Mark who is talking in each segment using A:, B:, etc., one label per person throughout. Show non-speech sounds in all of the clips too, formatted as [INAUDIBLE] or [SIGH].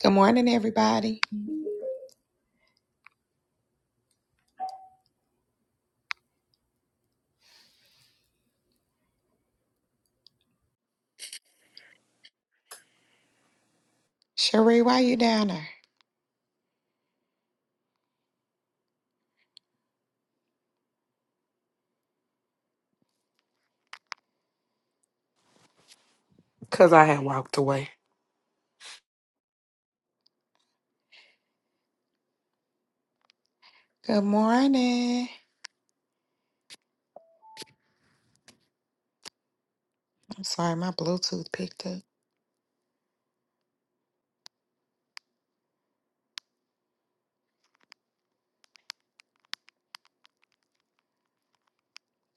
A: Good morning, everybody. Cherie, why you down there? Good morning. I'm sorry, my Bluetooth picked up.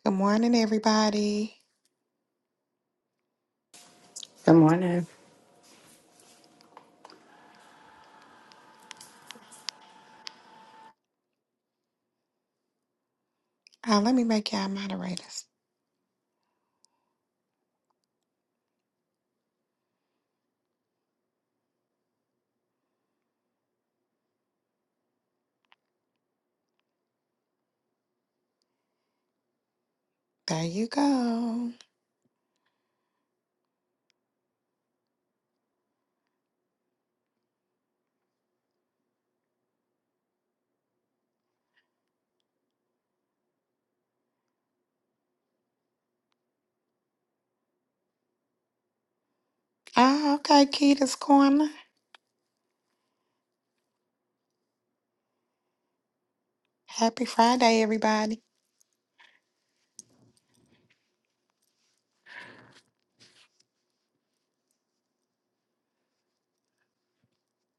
A: Good morning, everybody.
B: Good morning.
A: Uh, let me make y'all moderators. There you go. Ah, okay, Keita's Corner. Happy Friday, everybody.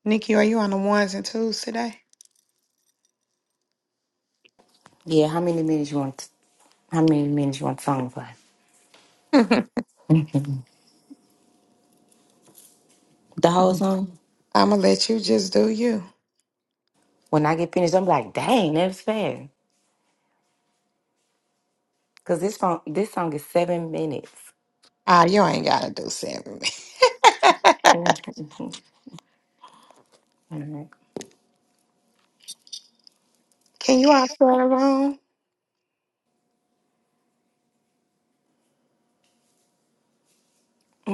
A: Nikki, are you on the ones and twos today?
B: Yeah, how many minutes you want? How many minutes you want the song to play?
A: [LAUGHS]
B: The whole song.
A: I'm gonna let you just do you.
B: When I get finished, I'm like, dang, that was fair. Cause this song, this song is seven minutes.
A: Ah, you ain't gotta do seven. [LAUGHS]
B: Mhm. All right.
A: Can you all play along?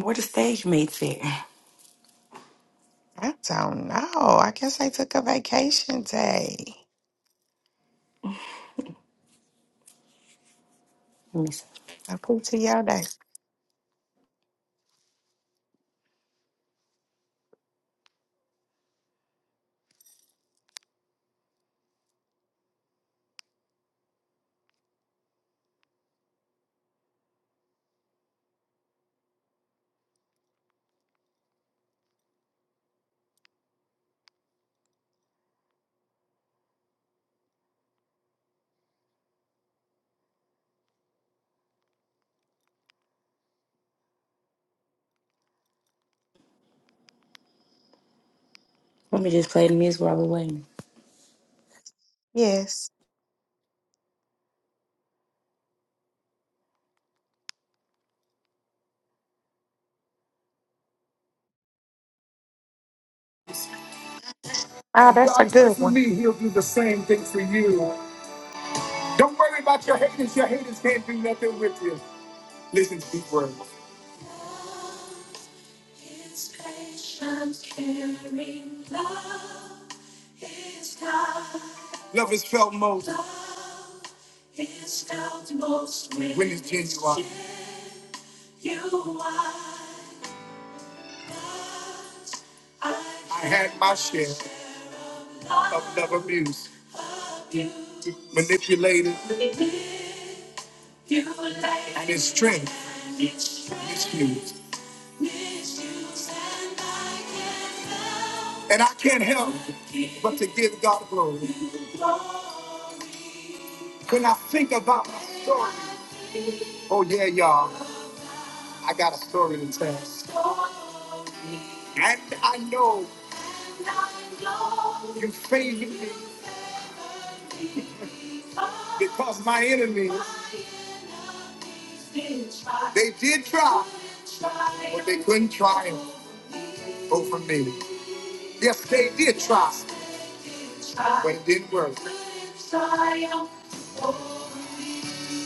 B: Where the stage mates at?
A: I don't know. I guess I took a vacation day.
B: Let me, see.
A: I put to y'all day.
B: let me just play the music while we're waiting.
A: Yes.
B: And
A: Oh,
B: if
A: that's a
B: God did it
A: good
B: for
A: one.
B: me, He'll do the same thing for you. Don't worry about your haters. Your haters can't do nothing with you. Listen to these words. His patient caring love is kind. Love is felt most. Love is felt most when, when it's genuine. You are. I, I had my share love of love abuse, you manipulated, manipulated, and misused. misused. And I can't help but to give God glory. When I think about my story, oh yeah, y'all. I got a story to tell. And I know you favored me because my enemies, they did try, but they couldn't try over me. Yes, they did try, but it didn't work.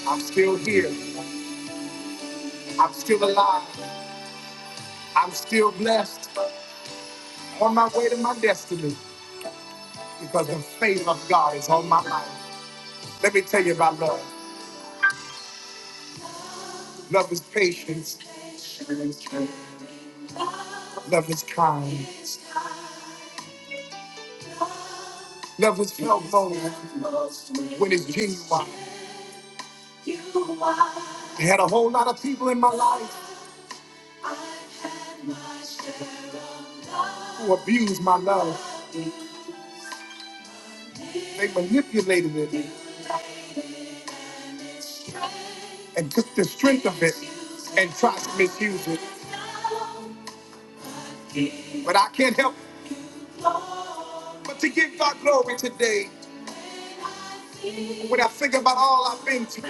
B: I'm still here. I'm still alive. I'm still blessed. On my way to my destiny. because the favor of God is on my life. Let me tell you about love. Love is patience. Love is kind. Love is helpful when it's genuine. I had a whole lot of people in my life who abused my love. They manipulated it and took the strength of it and tried to misuse it. But I can't help but to give God glory today. When I think about all I've been through,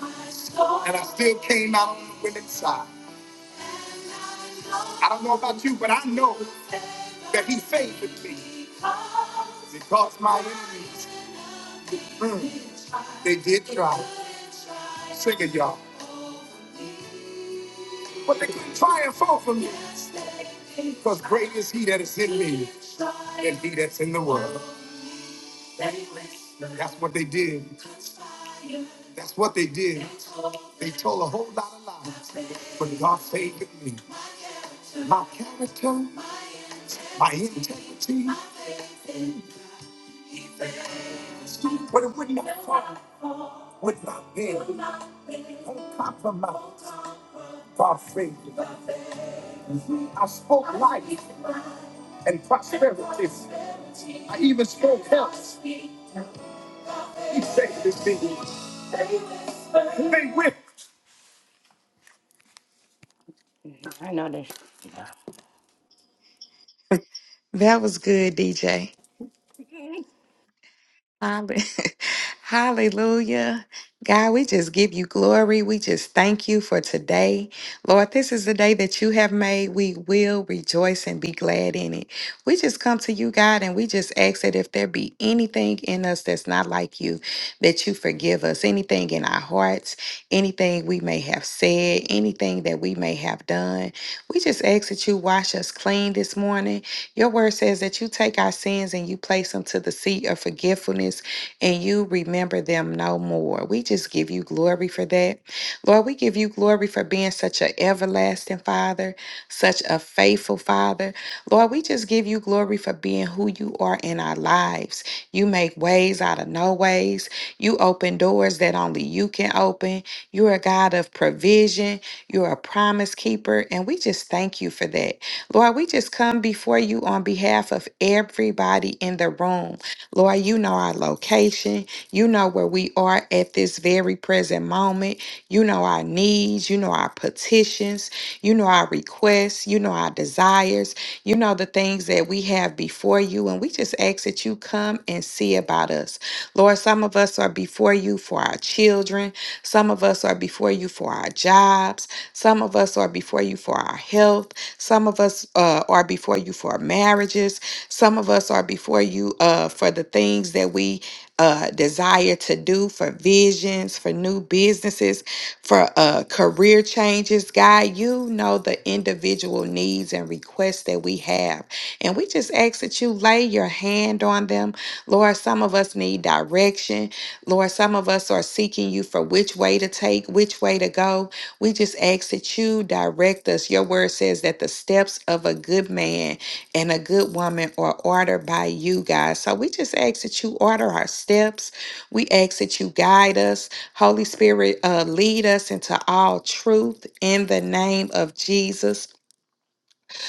B: and I still came out on the winning side. I don't know about you, but I know that he favored me because my enemies, they did try. Sing it, y'all. But they couldn't triumph over me because great is he that is in me than he that's in the world. That's what they did. That's what they did. They told a whole lot of lies. But God favored me. My character, my integrity. But it would not fall with my head. Don't compromise God faith. I spoke life and prosperity. I even spoke health. He saved me. They whipped. I know this.
A: That was good, DJ. Hall- [LAUGHS] Hallelujah. God, we just give you glory. We just thank you for today. Lord, this is the day that you have made. We will rejoice and be glad in it. We just come to you, God, and we just ask that if there be anything in us that's not like you, that you forgive us. Anything in our hearts, anything we may have said, anything that we may have done. We just ask that you wash us clean this morning. Your word says that you take our sins and you place them to the seat of forgetfulness and you remember them no more. We just give you glory for that. Lord, we give you glory for being such an everlasting Father, such a faithful Father. Lord, we just give you glory for being who you are in our lives. You make ways out of no ways. You open doors that only you can open. You're a God of provision. You're a promise keeper. And we just thank you for that. Lord, we just come before you on behalf of everybody in the room. Lord, you know our location. You know where we are at this very present moment. You know our needs. You know our petitions. You know our requests. You know our desires. You know the things that we have before you. And we just ask that you come and see about us. Lord, some of us are before you for our children. Some of us are before you for our jobs. Some of us are before you for our health. Some of us uh, are before you for marriages. Some of us are before you uh, for the things that we uh, desire to do, for visions, for new businesses, for uh, career changes. God, you know the individual needs and requests requests that we have. And we just ask that you lay your hand on them. Lord, some of us need direction. Lord, some of us are seeking you for which way to take, which way to go. We just ask that you direct us. Your word says that the steps of a good man and a good woman are ordered by you, God. So we just ask that you order our steps. We ask that you guide us. Holy Spirit, uh, lead us into all truth in the name of Jesus.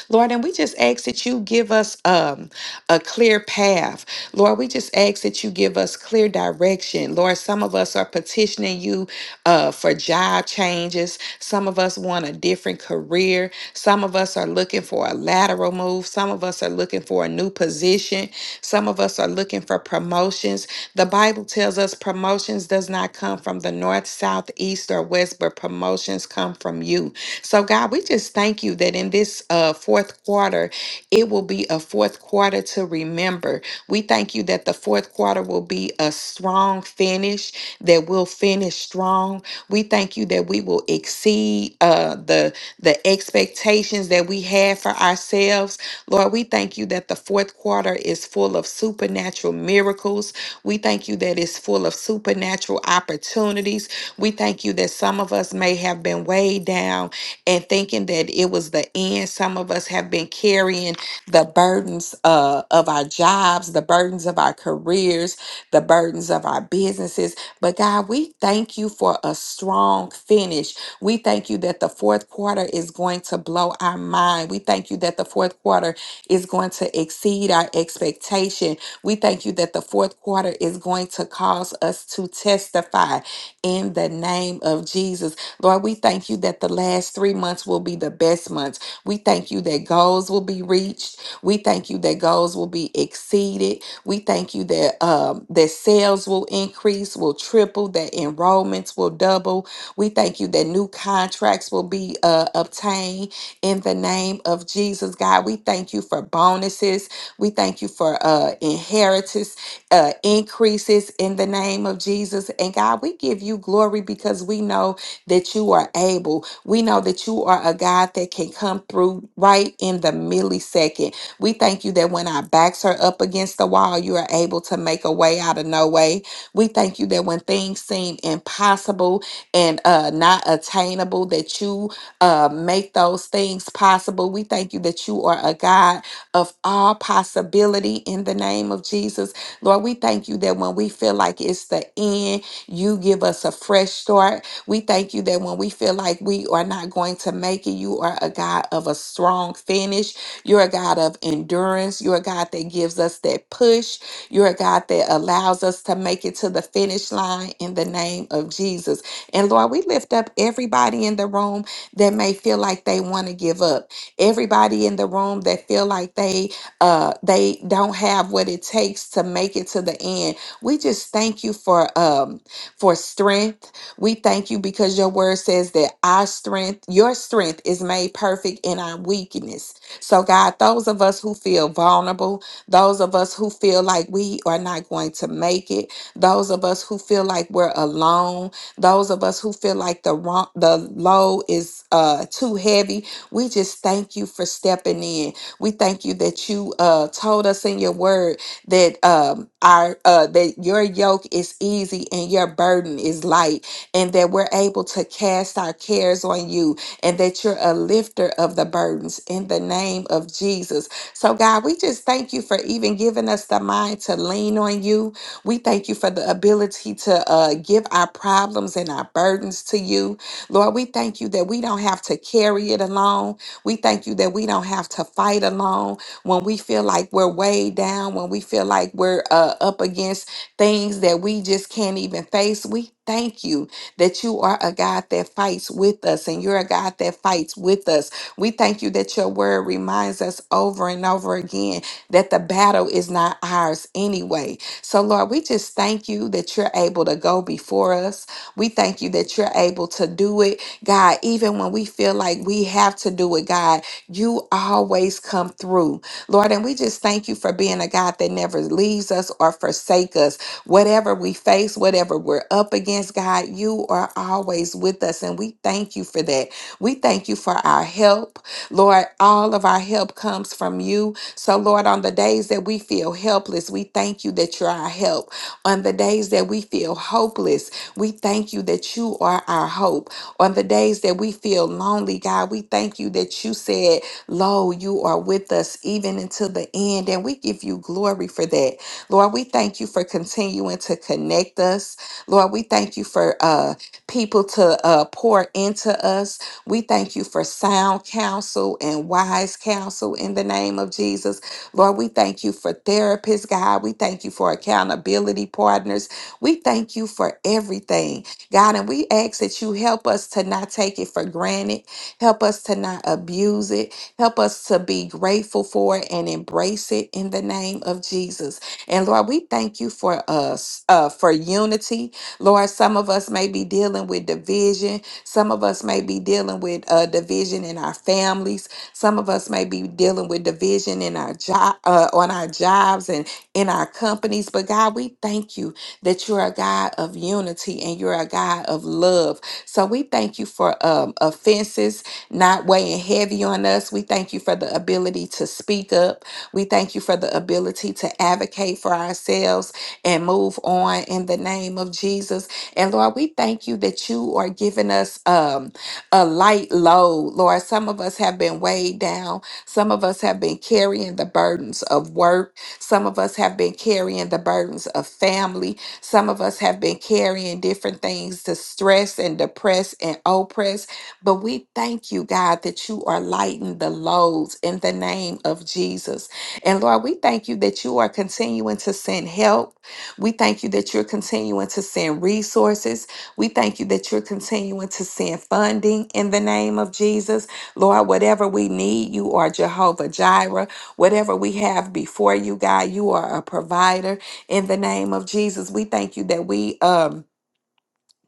A: Lord, and we just ask that you give us um, a clear path. Lord, we just ask that you give us clear direction. Lord, some of us are petitioning you uh, for job changes. Some of us want a different career. Some of us are looking for a lateral move. Some of us are looking for a new position. Some of us are looking for promotions. The Bible tells us promotions does not come from the north, south, south, east, or west, but promotions come from you. So, God, we just thank you that in this uh, fourth quarter, it will be a fourth quarter to remember. We thank you that the fourth quarter will be a strong finish, that we'll finish strong. We thank you that we will exceed uh, the, the expectations that we have for ourselves. Lord, we thank you that the fourth quarter is full of supernatural miracles. We thank you that it's full of supernatural opportunities. We thank you that some of us may have been weighed down and thinking that it was the end. Some of us have been carrying the burdens uh, of our jobs, the burdens of our careers, the burdens of our businesses. But God, we thank you for a strong finish. We thank you that the fourth quarter is going to blow our mind. We thank you that the fourth quarter is going to exceed our expectation. We thank you that the fourth quarter is going to cause us to testify in the name of Jesus. Lord, we thank you that the last three months will be the best months. We thank you that goals will be reached. We thank you that goals will be exceeded. We thank you that um, that sales will increase, will triple, that enrollments will double. We thank you that new contracts will be uh, obtained in the name of Jesus, God. We thank you for bonuses. We thank you for uh, inheritance uh, increases in the name of Jesus. And God, we give you glory because we know that you are able. We know that you are a God that can come through right in the millisecond. We thank you that when our backs are up against the wall, you are able to make a way out of no way. We thank you that when things seem impossible and uh, not attainable, that you uh, make those things possible. We thank you that you are a God of all possibility in the name of Jesus. Lord, we thank you that when we feel like it's the end, you give us a fresh start. We thank you that when we feel like we are not going to make it, you are a God of a strong finish. You're a God of endurance. You're a God that gives us that push. You're a God that allows us to make it to the finish line in the name of Jesus. And Lord, we lift up everybody in the room that may feel like they want to give up. Everybody in the room that feel like they uh, they don't have what it takes to make it to the end. We just thank you for um for strength. We thank you because your word says that our strength, your strength, is made perfect in our weakness. So God, those of us who feel vulnerable, those of us who feel like we are not going to make it, those of us who feel like we're alone, those of us who feel like the wrong, the load is uh too heavy, we just thank you for stepping in we thank you that you uh, told us in your word that um, our uh, that your yoke is easy and your burden is light, and that we're able to cast our cares on you, and that you're a lifter of the burdens in the name of Jesus. So, God, we just thank you for even giving us the mind to lean on you. We thank you for the ability to uh, give our problems and our burdens to you. Lord, we thank you that we don't have to carry it alone we thank you that we don't have to fight alone when we feel like we're way down, when we feel like we're uh, up against things that we just can't even face. We thank you that you are a God that fights with us and you're a God that fights with us. We thank you that your word reminds us over and over again that the battle is not ours anyway. So, Lord, we just thank you that you're able to go before us. We thank you that you're able to do it God, even when we feel like we have to do it, God, you always come through. Lord, and we just thank you for being a God that never leaves us or forsake us. Whatever we face, whatever we're up against, God, you are always with us. And we thank you for that. We thank you for our help. Lord, all of our help comes from you. So, Lord, on the days that we feel helpless, we thank you that you're our help. On the days that we feel hopeless, we thank you that you are our hope. On the days that we feel lonely, God, we thank you that you said, Lo, you are with us even until the end. And we give you glory for that. Lord, we thank you for continuing to connect us. Lord, we thank you for uh, people to uh, pour into us. We thank you for sound counsel and wise counsel in the name of Jesus. Lord, we thank you for therapists, God. We thank you for accountability partners. We thank you for everything. God, and we ask that you help us to not take it for granted. Help us to not abuse it. Help us to be grateful for it and embrace it in the name of Jesus. And Lord, we thank you for us, uh, for unity. Lord, some of us may be dealing with division. Some of us may be dealing with uh, division in our families. Some of us may be dealing with division in our job, uh, on our jobs and in our companies. But God, we thank you that you're a God of unity and you're a God of love. So we thank you for um, offenses not weighing heavy on us. We thank you for the ability to speak up. We thank you for the ability to advocate for ourselves and move on in the name of Jesus. And Lord, we thank you that you are giving us um, a light load. Lord, some of us have been weighed down. Some of us have been carrying the burdens of work. Some of us have been carrying the burdens of family. Some of us have been carrying different things to stress and depress and oppress, but we thank you, God, that you are lighting the loads in the name of Jesus. And Lord, we thank you that you are continuing to send help. We thank you that you're continuing to send resources. We thank you that you're continuing to send funding in the name of Jesus. Lord, whatever we need, you are Jehovah Jireh. Whatever we have before you, God, you are a provider. In the name of Jesus, we thank you that we um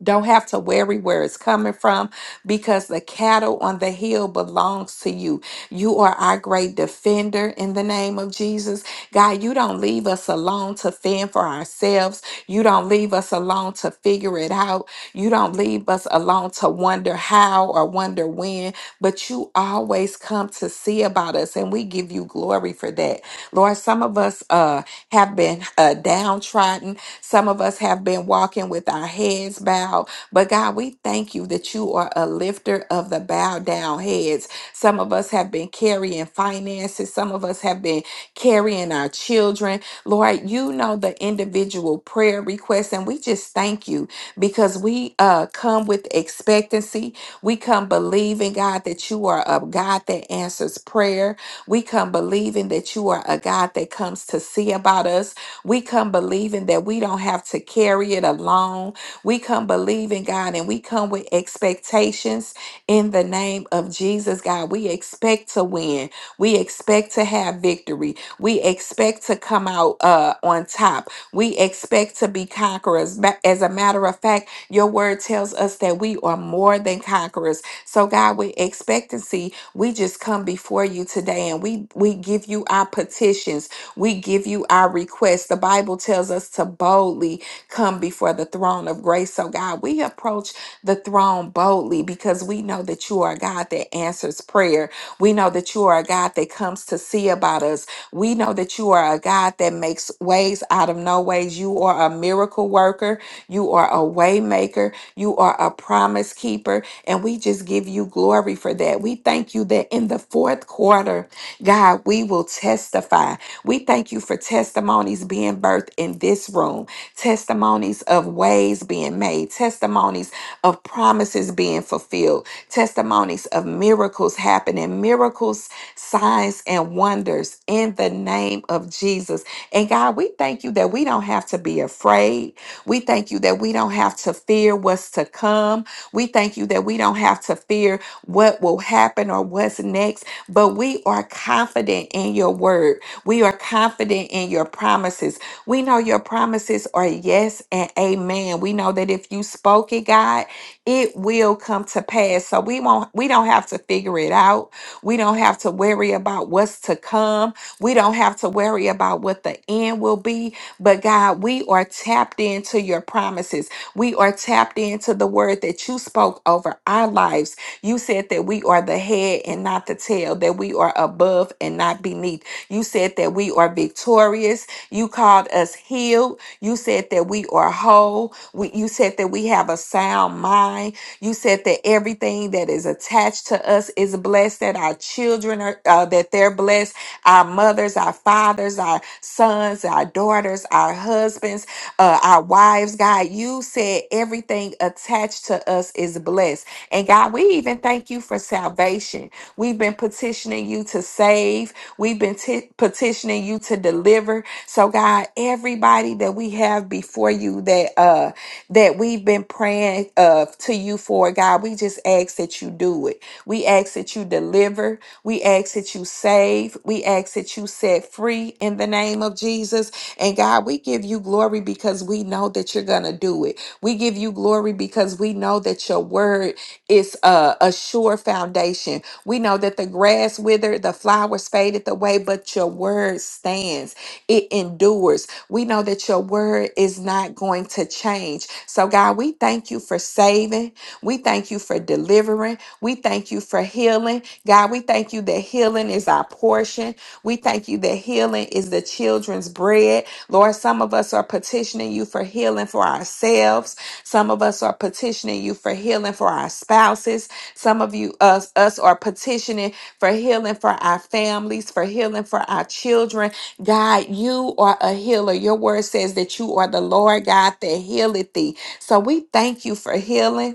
A: don't have to worry where it's coming from because the cattle on the hill belongs to you. You are our great defender in the name of Jesus. God, you don't leave us alone to fend for ourselves. You don't leave us alone to figure it out. You don't leave us alone to wonder how or wonder when, but you always come to see about us and we give you glory for that. Lord, some of us uh have been uh downtrodden some of us have been walking with our heads bowed, but God, we thank you that you are a lifter of the bowed down heads. Some of us have been carrying finances, some of us have been carrying our children. Lord, you know the individual prayer requests, and we just thank you because we uh, come with expectancy. We come believing, God, that you are a God that answers prayer. We come believing that you are a God that comes to see about us. We come believing that we don't have to carry it alone. We come believing, God, and we come with expectations in the name of Jesus, God. We expect to win. We expect to have victory. We expect to come out uh, on top. We expect to be conquerors. Ma- As a matter of fact, your word tells us that we are more than conquerors. So, God, with expectancy, we just come before you today and we, we give you our petitions. We give you our request. The Bible tells us to boldly come before the throne of grace. So, God, we approach the throne boldly because we know that you are a God that answers prayer. We know that you are a God that comes to see about us. We know that you are a God that makes ways out of no ways. You are a miracle worker. You are a way maker. You are a promise keeper. And we just give you glory for that. We thank you that in the fourth quarter, God, we will testify. We thank you for testimonies being birthed in this room, testimonies of ways being made, testimonies of promises being fulfilled, testimonies of miracles happening, miracles, signs, and wonders in the name of Jesus. And God, we thank you that we don't have to be afraid. We thank you that we don't have to fear what's to come. We thank you that we don't have to fear what will happen or what's next, but we are confident in your word. We are confident in your promises. We know your promises are yes and amen. We know that if you spoke it, God, it will come to pass. So we won't we don't have to figure it out. We don't have to worry about what's to come. We don't have to worry about what the end will be. But God, we are tapped into your promises. We are tapped into the word that you spoke over our lives. You said that we are the head and not the tail, that we are above and not beneath you said that we are victorious. You called us healed. You said that we are whole. We, you said that we have a sound mind. You said that everything that is attached to us is blessed, that our children are, uh, that they're blessed, our mothers, our fathers, our sons, our daughters, our husbands, uh, our wives, God. You said everything attached to us is blessed. And God, we even thank you for salvation. We've been petitioning you to save. We've been t- petitioning you to deliver. So God, everybody that we have before you that uh that we've been praying uh to you for, God, we just ask that you do it. We ask that you deliver. We ask that you save. We ask that you set free in the name of Jesus. And God, we give you glory because we know that you're going to do it. We give you glory because we know that your word is a, a sure foundation we know that the grass withered, the flowers faded away, but your word stands. It endures. We know that your word is not going to change. So, God, we thank you for saving. We thank you for delivering. We thank you for healing. God, we thank you that healing is our portion. We thank you that healing is the children's bread. Lord, some of us are petitioning you for healing for ourselves. Some of us are petitioning you for healing for our spouses. Some of you, us, us are petitioning for healing for our families, for healing for our children. God, you are a healer. Your word says that you are the Lord God that healeth thee. So we thank you for healing.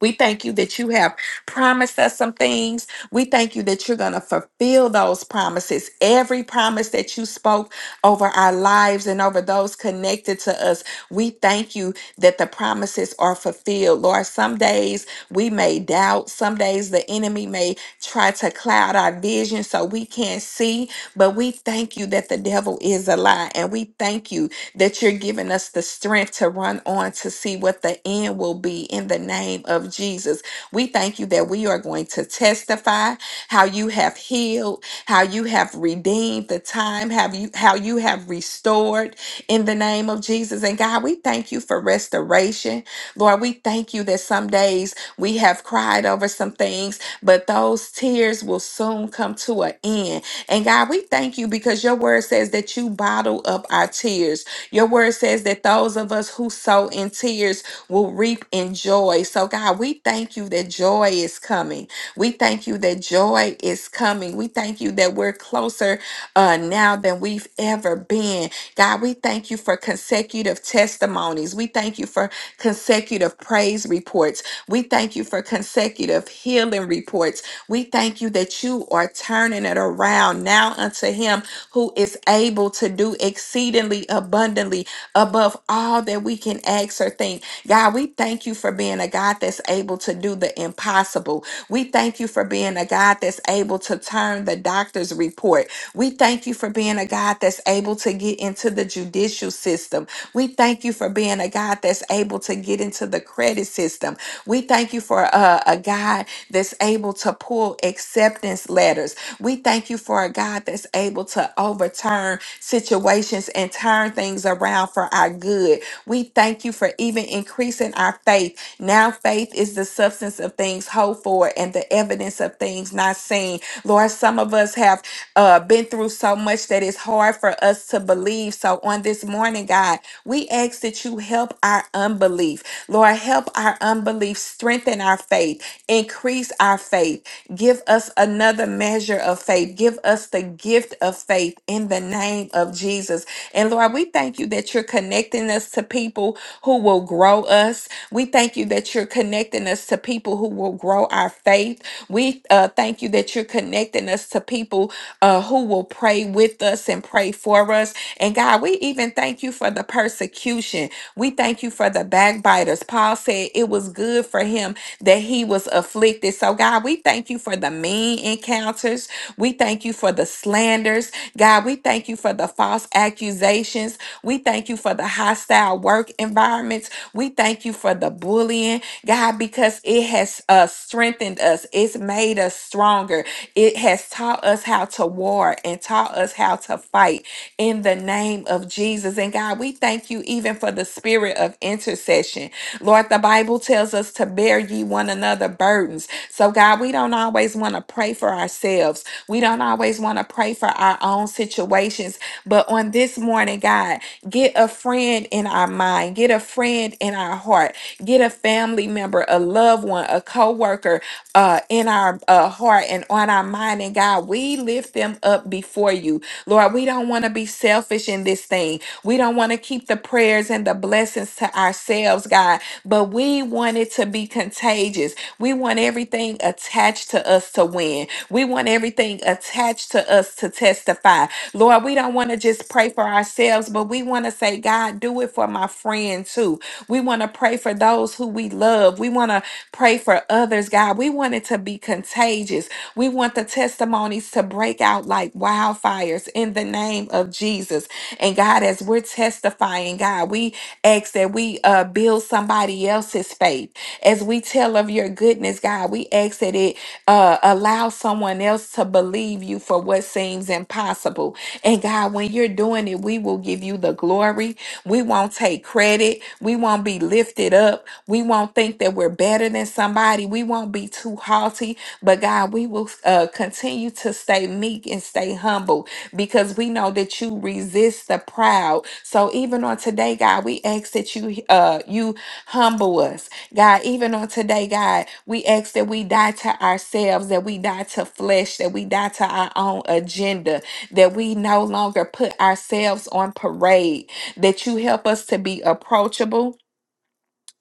A: We thank you that you have promised us some things. We thank you that you're going to fulfill those promises. Every promise that you spoke over our lives and over those connected to us, we thank you that the promises are fulfilled. Lord, some days we may doubt, some days the enemy may try to cloud our vision so we can't see, but we thank you that the devil is a lie. And we thank you that you're giving us the strength to run on to see what the end will be in the name of Jesus. We thank you that we are going to testify how you have healed, how you have redeemed the time, have you how you have restored in the name of Jesus. And God, we thank you for restoration. Lord, we thank you that some days we have cried over some things, but those tears will soon come to an end. And God, we thank you because your word says that you bottle up our tears. Your word says that those of us who sow in tears will reap in joy. So, God, we thank you that joy is coming. We thank you that joy is coming. We thank you that we're closer uh, now than we've ever been. God, we thank you for consecutive testimonies. We thank you for consecutive praise reports. We thank you for consecutive healing reports. We thank you that you are turning it around now unto him who is able to do exceedingly abundantly above all that we can ask or think. God, we thank you for being a God that's able to do the impossible. We thank you for being a God that's able to turn the doctor's report. We thank you for being a God that's able to get into the judicial system. We thank you for being a God that's able to get get into the credit system. We thank you for uh, a God that's able to pull acceptance letters. We thank you for a God that's able to overturn situations and turn things around for our good. We thank you for even increasing our faith. Now, faith is the substance of things hoped for and the evidence of things not seen. Lord, some of us have uh, been through so much that it's hard for us to believe. So, on this morning, God, we ask that you that you help our unbelief. Lord, help our unbelief, strengthen our faith, increase our faith, give us another measure of faith, give us the gift of faith in the name of Jesus. And Lord, we thank you that you're connecting us to people who will grow us. We thank you that you're connecting us to people who will grow our faith. We uh, thank you that you're connecting us to people uh, who will pray with us and pray for us. And God, we even even thank you for the persecution. We thank you for the backbiters. Paul said it was good for him that he was afflicted. So, God, we thank you for the mean encounters. We thank you for the slanders. God, we thank you for the false accusations. We thank you for the hostile work environments. We thank you for the bullying, God, because it has uh, strengthened us. It's made us stronger. It has taught us how to war and taught us how to fight in the name of Jesus. And God, we thank you even for the spirit of intercession. Lord, the Bible tells us to bear ye one another burdens. So, God, we don't always want to pray for ourselves. We don't always want to pray for our own situations. But on this morning, God, get a friend in our mind, get a friend in our heart, get a family member, a loved one, a co worker uh, in our uh, heart and on our mind. And God, God, we lift them up before you. Lord, we don't want to be selfish in this thing. We don't want to keep the prayers and the blessings to ourselves, God, but we want it to be contagious. We want everything attached to us to win. We want everything attached to us to testify. Lord, we don't want to just pray for ourselves, but we want to say, God, do it for my friend too. We want to pray for those who we love. We want to pray for others, God. God. We want it to be contagious. We want the testimonies to break out like wildfires in the name of Jesus. And God, as we're testifying, God, we ask that we uh, build somebody else's faith. As we tell of your goodness, God, we ask that it uh, allow someone else to believe you for what seems impossible. And God, when you're doing it, we will give you the glory. We won't take credit. We won't be lifted lifted up. We won't think that we're better than somebody. We won't be too haughty, but God, we will uh, continue to stay meek and stay humble because we know that you resist the proud. So even on today, God, we ask that you uh you humble us. God, even on today, God, we ask that we die to ourselves, that we die to flesh, that we die to our own agenda, that we no longer put ourselves on parade, that you help us to be approachable,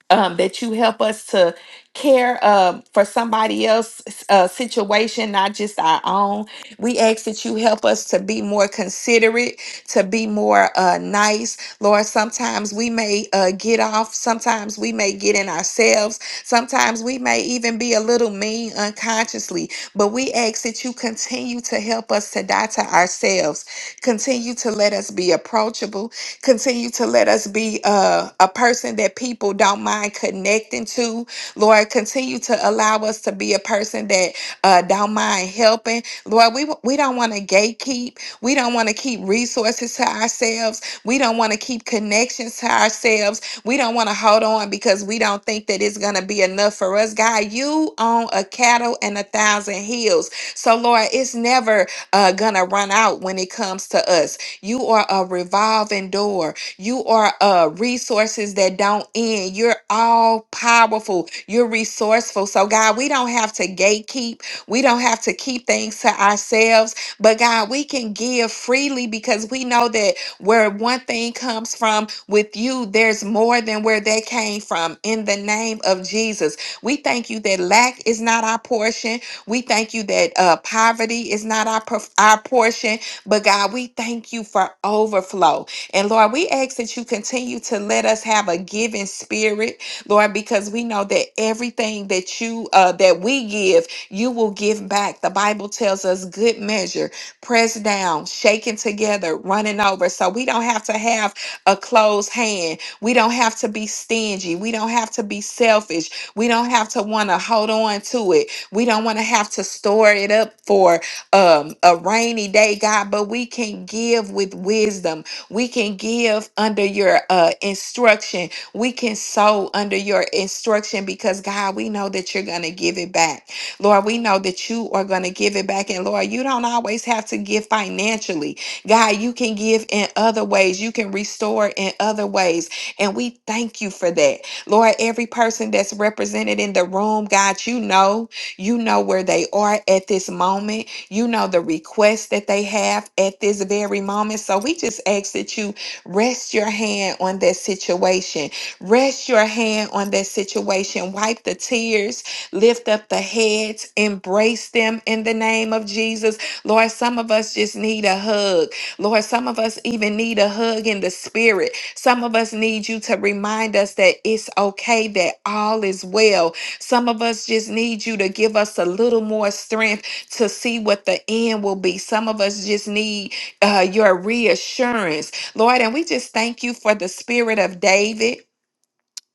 A: um, that you help us to care um, for somebody else's uh, situation, not just our own. We ask that you help us to be more considerate, to be more uh, nice. Lord, sometimes we may uh, get off, sometimes we may get in ourselves, sometimes we may even be a little mean unconsciously, but we ask that you continue to help us to die to ourselves, continue to let us be approachable, Continue to let us be uh, a person that people don't mind connecting to. Lord, continue to allow us to be a person that uh, don't mind helping. Lord, we, we don't want to gatekeep. We don't want to keep resources to ourselves. We don't want to keep connections to ourselves. We don't want to hold on because we don't think that it's going to be enough for us. God, you own a cattle and a thousand hills. So, Lord, it's never uh, going to run out when it comes to us. You are a revolving door. You are uh, resources that don't end. You're all powerful. You're resourceful. So, God, we don't have to gatekeep. We don't have to keep things to ourselves. But, God, we can give freely because we know that where one thing comes from with you, there's more than where that came from. In the name of Jesus, we thank you that lack is not our portion. We thank you that uh, poverty is not our, perf- our portion. But God, we thank you for overflow. And Lord, we ask that you continue to let us have a giving spirit, Lord, because we know that everything that you uh that we give, you will give back. The Bible tells us good measure, pressed down, shaken together, running over. So we don't have to have a closed hand. We don't have to be stingy. We don't have to be selfish. We don't have to want to hold on to it. We don't want to have to store it up for um, a rainy day, God, but we can give with wisdom. We can give under your uh, instruction. We can sow under your instruction because, God, we know that you're going to give it back. Lord, we know that you are going to give it back. And Lord, you don't always have to give financially. God, you can give in other ways, you can restore in other ways. And we thank you for that. Lord, every person that's represented in the room, God, you know, you know where they are at this moment you know, the requests that they have at this very moment. So we just ask that you rest your hand on that situation. Rest your hand on that situation. Wipe the tears, lift up the heads, embrace them in the name of Jesus. Lord, some of us just need a hug. Lord, some of us even need a hug in the spirit. Some of us need you to remind us that it's okay, that all is well. Some of us just need you to give us a little more strength to see what the end will be. Some of us just need uh, your reassurance, Lord. And we just thank you for the spirit of David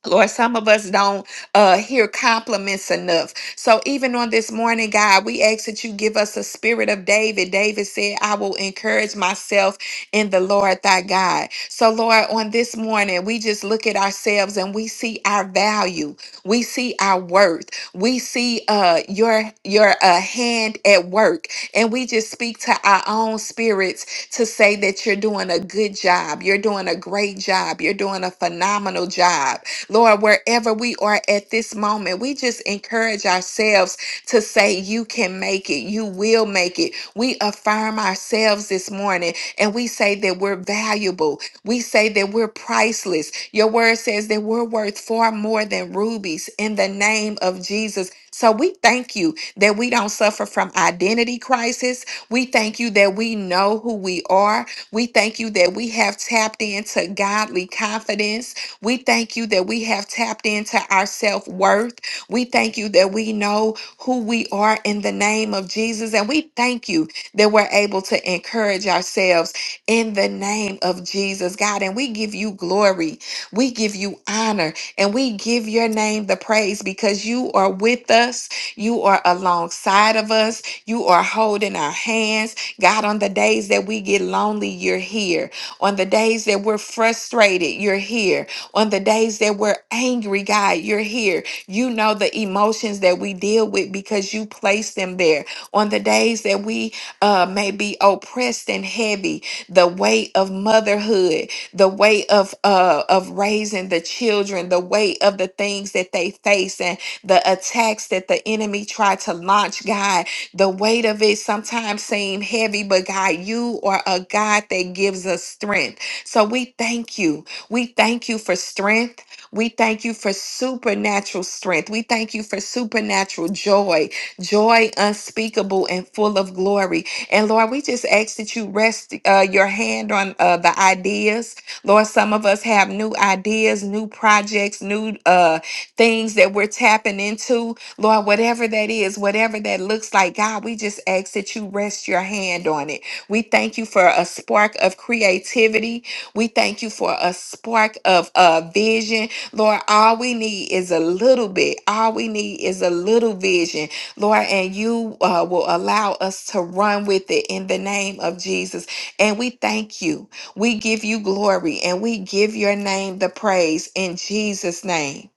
A: Lord, some of us don't uh, hear compliments enough. So even on this morning, God, we ask that you give us a spirit of David. David said, I will encourage myself in the Lord thy God. So, Lord, on this morning, we just look at ourselves and we see our value. We see our worth. We see uh, your, your uh, hand at work. And we just speak to our own spirits to say that you're doing a good job. You're doing a great job. You're doing a phenomenal job Lord, wherever we are at this moment, we just encourage ourselves to say, You can make it, you will make it. We affirm ourselves this morning and we say that we're valuable. We say that we're priceless. Your word says that we're worth far more than rubies in the name of Jesus. So we thank you that we don't suffer from identity crisis. We thank you that we know who we are. We thank you that we have tapped into godly confidence. We thank you that we have tapped into our self worth. We thank you that we know who we are in the name of Jesus. And we thank you that we're able to encourage ourselves in the name of Jesus, God. And we give you glory, we give you honor, and we give your name the praise because you are with us, you are alongside of us, you are holding our hands. God, on the days that we get lonely, you're here. On the days that we're frustrated, you're here on the days that we're angry, God, you're here. You know the emotions that we deal with because you place them there. On the days that we uh, may be oppressed and heavy, the weight of motherhood, the weight of uh, of raising the children, the weight of the things that they face and the attacks that the enemy tried to launch, God, the weight of it sometimes seem heavy, but God, you are a God that gives us strength. So we thank you. We thank you for strength. We thank you for supernatural strength. We thank you for supernatural joy, joy unspeakable and full of glory. And Lord, we just ask that you rest uh, your hand on uh, the ideas. Lord, some of us have new ideas, new projects, new uh, things that we're tapping into. Lord, whatever that is, whatever that looks like, God, we just ask that you rest your hand on it. We thank you for a spark of creativity we thank you for a spark of uh, vision. Lord, all we need is a little bit. All we need is a little vision, Lord, and you uh, will allow us to run with it in the name of Jesus. And we thank you. We give you glory and we give your name the praise in Jesus' name.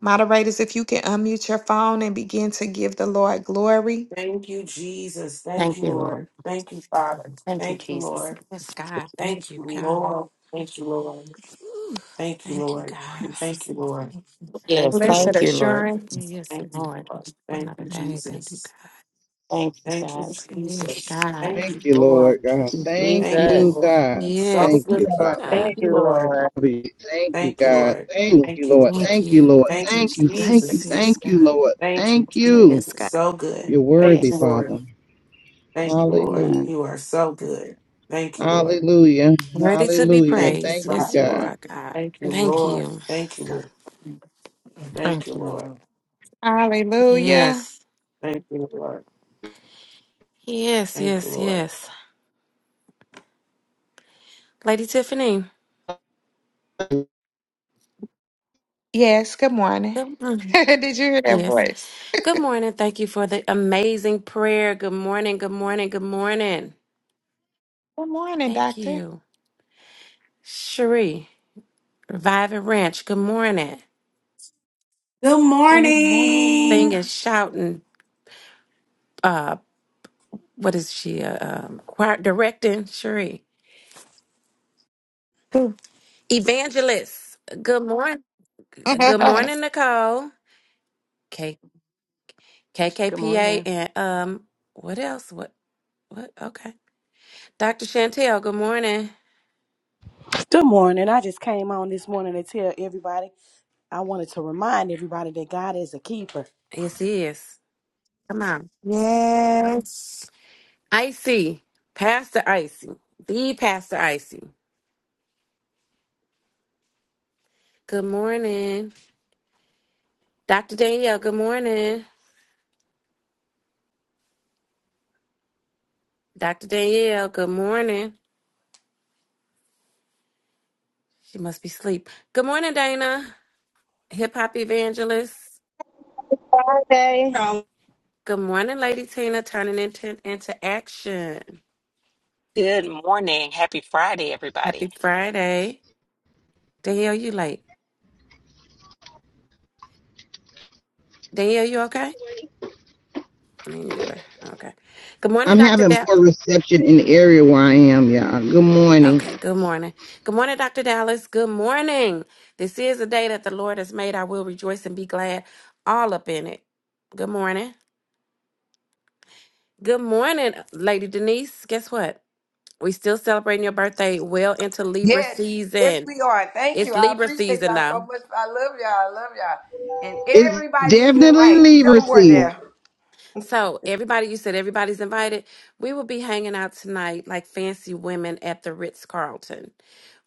A: Moderators, if you can unmute your phone and begin to give the Lord glory.
B: Thank you, Lord. Thank you, Jesus.
C: Yes, God. Thank you, God. Ooh, thank you, God. Thank you.
B: Yes,
A: Blessed
B: thank you, Lord.
A: assurance.
C: Yes, Lord. Thank you for another day. Thank you,
B: Thank you, God.
C: God. Yes, God.
D: Thank you, Lord
B: Thank
D: God.
B: you,
D: Thank you,
B: Jesus.
D: God.
C: Yes,
D: Thank you,
C: thank you,
E: Lord.
D: Father.
C: God.
E: Thank you, Lord.
D: We Thank you, God. Thank you, Lord.
C: Thank
D: Thank you,
C: you.
D: Lord.
C: Thank you,
D: Thank you, thank you,
C: Jesus. Yes,
D: thank you,
C: God.
D: Lord. Thank you.
C: Yes, God.
D: You're worthy,
B: Yes, Lord.
D: Father.
C: Yes, God.
D: Hallelujah. Hallelujah.
C: Worthy to be
D: Hallelujah.
C: praised.
D: Thank you,
C: Yes, you
D: God.
C: are, God. Thank you.
B: Thank you, Lord.
A: Hallelujah.
C: Yes. Yes, yes, yes. Lady Tiffany.
A: Yes, good morning. [LAUGHS] Did you hear that
C: Yes,
A: voice?
C: Good morning. Thank you for the amazing prayer. Good morning. Good morning. Good morning.
A: Good morning,
C: Thank
A: Doctor.
C: you. Cherie, Reviving Ranch. Good morning.
A: Good morning.
C: Singing, shouting. Uh, what is she? Uh, um, choir- directing. Cherie. Evangelist. Good morning. Good
A: [LAUGHS]
C: morning, Nicole. K-
B: Good
C: KKPA
B: morning.
C: and um, what else? What? What? Okay. Dr. Chantel. Good morning.
F: Good morning. I just came on this morning to tell everybody, I wanted to remind everybody that God is a keeper.
C: Yes, yes. Come on.
A: yes.
C: Icy, Pastor Icy, the Pastor Icy. Good morning, Dr. Danielle. Good morning, Dr. Danielle. Good morning. She must be asleep. Good morning, Dana, hip hop evangelist. Good morning, Lady Tina, turning into, into action.
G: Good morning. Happy Friday, everybody.
C: Happy Friday. Danielle, you late. Danielle, you okay? Let me mute her. Okay. Good morning,
D: I'm
C: Dr.
D: having
C: Dap.
D: poor reception in the area where I am, y'all. Good morning.
C: Okay, good morning. Good morning, Dr. Dallas. Good morning. This is a day that the Lord has made. I will rejoice and be glad all up in it. Good morning. Good morning, Lady Denise. Guess what? We still celebrating your birthday well into Libra
H: Yes, yes,
C: season.
H: we are. Thank
C: It's
H: you. I
C: Libra
H: appreciate
C: season
H: y'all
C: though.
H: so much. I love y'all. I love y'all. And
D: It's
H: everybody is
D: definitely
H: invited. Tell
D: lever
H: them we're
D: season.
H: there.
C: So everybody, you said everybody's invited. We will be hanging out tonight like fancy women at the Ritz Carlton.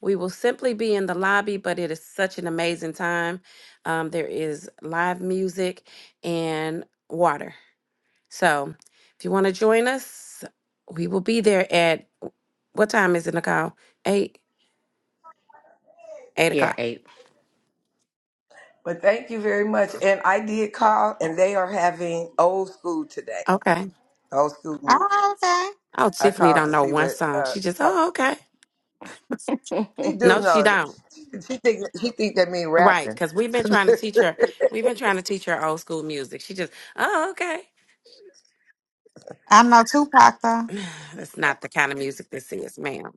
C: We will simply be in the lobby, but it is such an amazing time. Um, there is live music and water. So if you want to join us, we will be there at what time is it, Nicole? Eight, eight
B: Yeah,
C: o'clock.
B: eight.
H: But thank you very much. And I did call, and they are having old school today,
C: Okay.
H: old school music.
C: Oh,
H: I
C: Tiffany
H: called
C: don't
H: to
C: know
H: see
C: one
H: what
C: song.
H: uh,
C: She just,
H: type.
C: oh, okay.
H: She do
C: No, she
H: know.
C: don't.
H: that- She think she think that mean
C: Right,
H: rapping.
C: because we've been trying to teach her. We've been trying to teach her old school music. She just, oh, okay.
A: I'm no Tupac, though.
C: [SIGHS] That's not the kind of music this is, ma'am.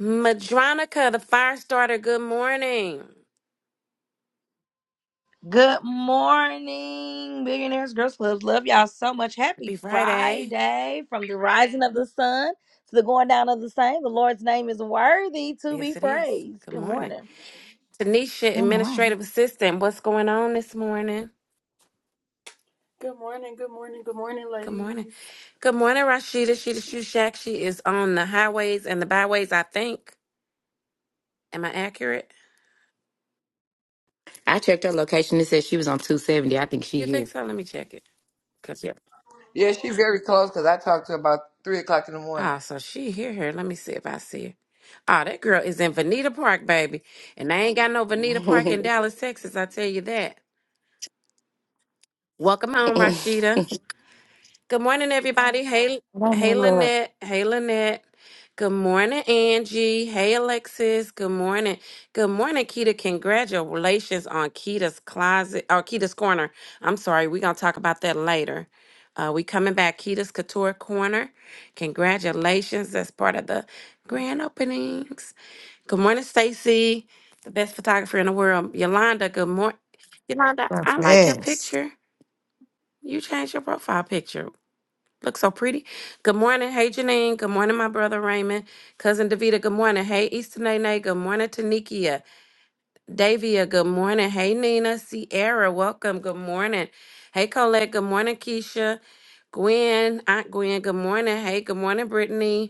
C: Madronica, the fire starter. Good morning.
I: Good morning, Billionaires Girls Clubs. Love y'all so much.
C: Happy
I: Happy
C: Friday.
I: Friday from the rising of the sun to the going down of the same. The Lord's name is worthy to
C: Yes,
I: be
C: it is.
I: praised.
C: Good
I: Good
C: morning,
I: morning.
C: Tanisha,
A: Good morning.
C: administrative assistant. What's going on this morning?
J: Good morning, good morning, good morning,
C: Good morning.
J: ladies.
C: Good morning, Rashida. She the shoe shack. She is on the highways and the byways. I think. Am I accurate?
B: I checked her location. It said she was on 270. I think she
C: You think
B: here.
C: so? Let me check it. Cause yeah.
H: [LAUGHS] yeah, she very close because I talked to her about three o'clock in the morning.
C: Ah, so she here, here. Let me see if I see her. Oh, that girl is in Vanita Park, baby. And I ain't got no Vanita Park in Dallas, Texas, I tell you that. Welcome home, Rashida. Good morning, everybody. Hey, hey,
A: Good.
C: Lynette. Hey, Lynette. Good morning, Angie. Hey, Alexis. Good morning. Good morning, Keita. Congratulations on Keita's closet or Keita's corner. I'm sorry. We're gonna talk about that later. Uh, we coming back, Keita's Couture Corner. Congratulations. That's part of the grand openings. Good morning, Stacy, the best photographer in the world. Yolanda. Good morning, Yolanda.
A: The
C: I like your
A: best.
C: picture. You changed your profile picture. Look so pretty. Good morning. Hey, Janine. Good morning, my brother Raymond. Cousin Davita. Good morning. Hey, Easter Nene. Good morning, Tanikia. Davia. Good morning. Hey, Nina. Sierra. Welcome. Good morning. Hey, Colette. Good morning, Keisha. Gwen. Aunt Gwen. Good morning. Hey, good morning, Brittany.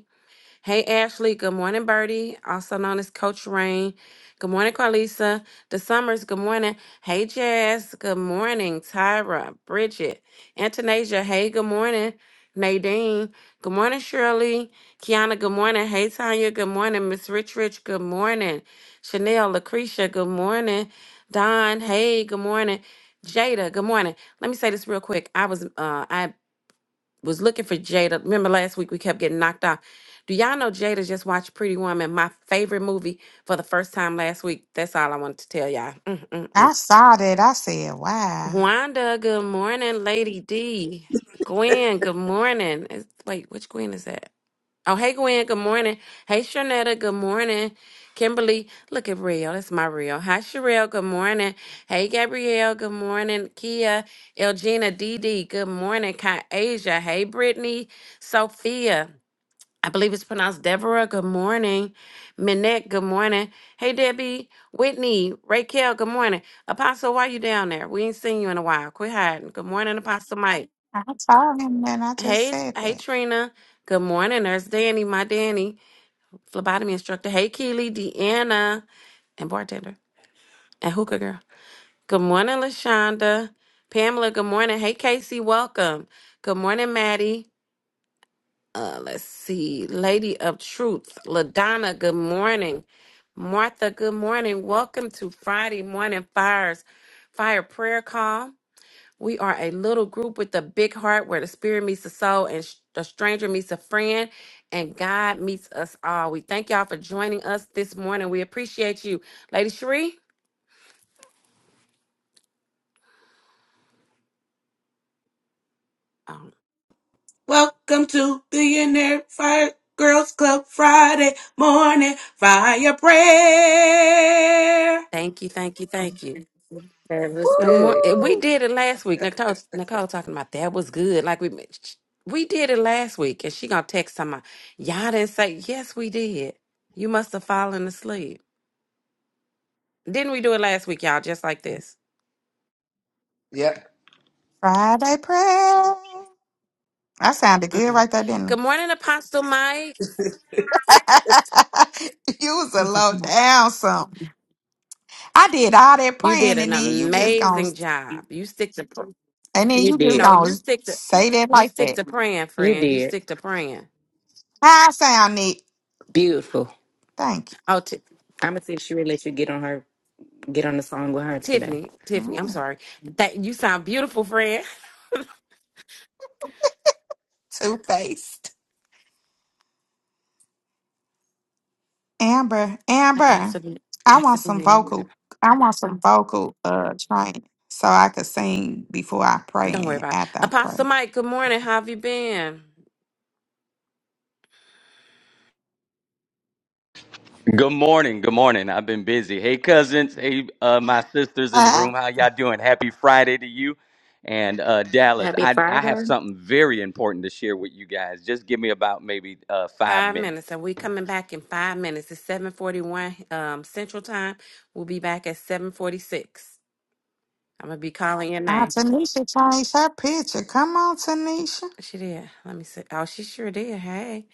C: Hey, Ashley. Good morning, Birdie, also known as Coach Rain. Good morning, Carlisa. The Summers. Good morning. Hey, Jazz. Good morning, Tyra, Bridget, Antonasia. Hey, good morning, Nadine. Good morning, Shirley. Kiana. Good morning. Hey, Tanya. Good morning, Miss Rich Rich. Good morning, Chanel, Lucretia. Good morning, Don. Hey, good morning. Jada, good morning. Let me say this real quick. I was uh I was looking for Jada. Remember last week we kept getting knocked off. Do y'all know Jada just watched Pretty Woman, my favorite movie, for the first time last week? That's all I wanted to tell y'all.
A: I
C: Mm-mm-mm.
A: saw that. I said, wow.
C: Wanda, good morning, Lady D. Gwen, good morning. It's, wait, which Gwen is that? Oh, hey, Gwen. Good morning. Hey, Shanetta. Good morning. Kimberly, look at Real. That's my real. Hi, Sherelle. Good morning. Hey, Gabrielle. Good morning. Kia, Elgina, DD. Good morning. Kai, Asia. Hey, Brittany, Sophia. I believe it's pronounced Deborah. Good morning. Minette. Good morning. Hey, Debbie, Whitney, Raquel. Good morning. Apostle, why you down there? We ain't seen you in a while. Quit hiding. Good morning, Apostle Mike.
A: I told him and I just
C: Hey,
A: said
C: hey,
A: that.
C: Trina. Good morning. There's Danny, my Danny phlebotomy instructor. Hey, Keely, Deanna, and bartender, and hookah girl. Good morning, Lashonda. Pamela, good morning. Hey, Casey, welcome. Good morning, Maddie. Uh, let's see. Lady of Truth, LaDonna, good morning. Martha, good morning. Welcome to Friday Morning Fires, Fire Prayer Call. We are a little group with a big heart where the spirit meets the soul and sh- the stranger meets a friend and God meets us all. We thank y'all for joining us this morning. We appreciate you. Lady Sheree, Oh, thank you, thank you, thank you.
B: That was
C: Good mor-
B: good.
C: eh, we
H: Woo!
C: did it last week. Nicole, Nicole talking about that was good. Like we mentioned. We did it last week, and she gonna text somebody. Y'all didn't say yes. We did. You must have fallen asleep. Didn't we do it last week, y'all? Just like this.
H: Yep.
A: Friday prayer. I sounded good
C: Mm-mm.
A: right there, didn't
C: Good morning, Apostle Mike.
A: I? [LAUGHS] you was a
C: [LAUGHS]
A: low down something. I did all that
C: You did
A: praying
C: an
A: and then you just gonna
C: amazing job. You stick to pr-
A: and then
B: You
A: you just
B: did.
C: no,
A: gonna
C: you stick to
A: say that
C: you
A: like
C: stick
A: that.
C: to praying,
B: You
C: friend. You
B: did.
C: stick to praying.
A: How I sound Nick.
B: Beautiful.
A: Thank you.
C: Oh, Ti-
B: I'm gonna see if she really let you get on her get on the song with her today.
C: Tiffany, Tiffany, I'm
A: Mm,
C: sorry. That you sound beautiful, friend.
A: Two faced. Amber,
C: I
A: Amber,
C: accident,
A: I want some
C: accidentally muted
A: vocal.
C: her.
A: I want some vocal uh training so I could sing before I pray
C: Don't worry
A: and
C: about it.
A: after I
C: Apostle
A: pray.
C: Mike. Good morning. How have you been?
K: Good morning. Good morning. I've been busy. Hey, cousins. Hey, uh, my sisters in the
A: Uh,
K: room. How y'all doing? Happy Friday to you. And uh, Dallas,
B: Happy
K: I, I have
B: Friday.
K: something very important to share with you guys. Just give me about maybe uh, five
C: Five minutes,
K: minutes.
C: and we coming back in five minutes. It's seven forty one um, Central Time. We'll be back at seven forty six. I'm gonna be calling your
A: uh,
C: name.
A: Tanisha changed her picture. Come on, Tanisha.
C: She did. Let me see. Oh, she sure did. Hey.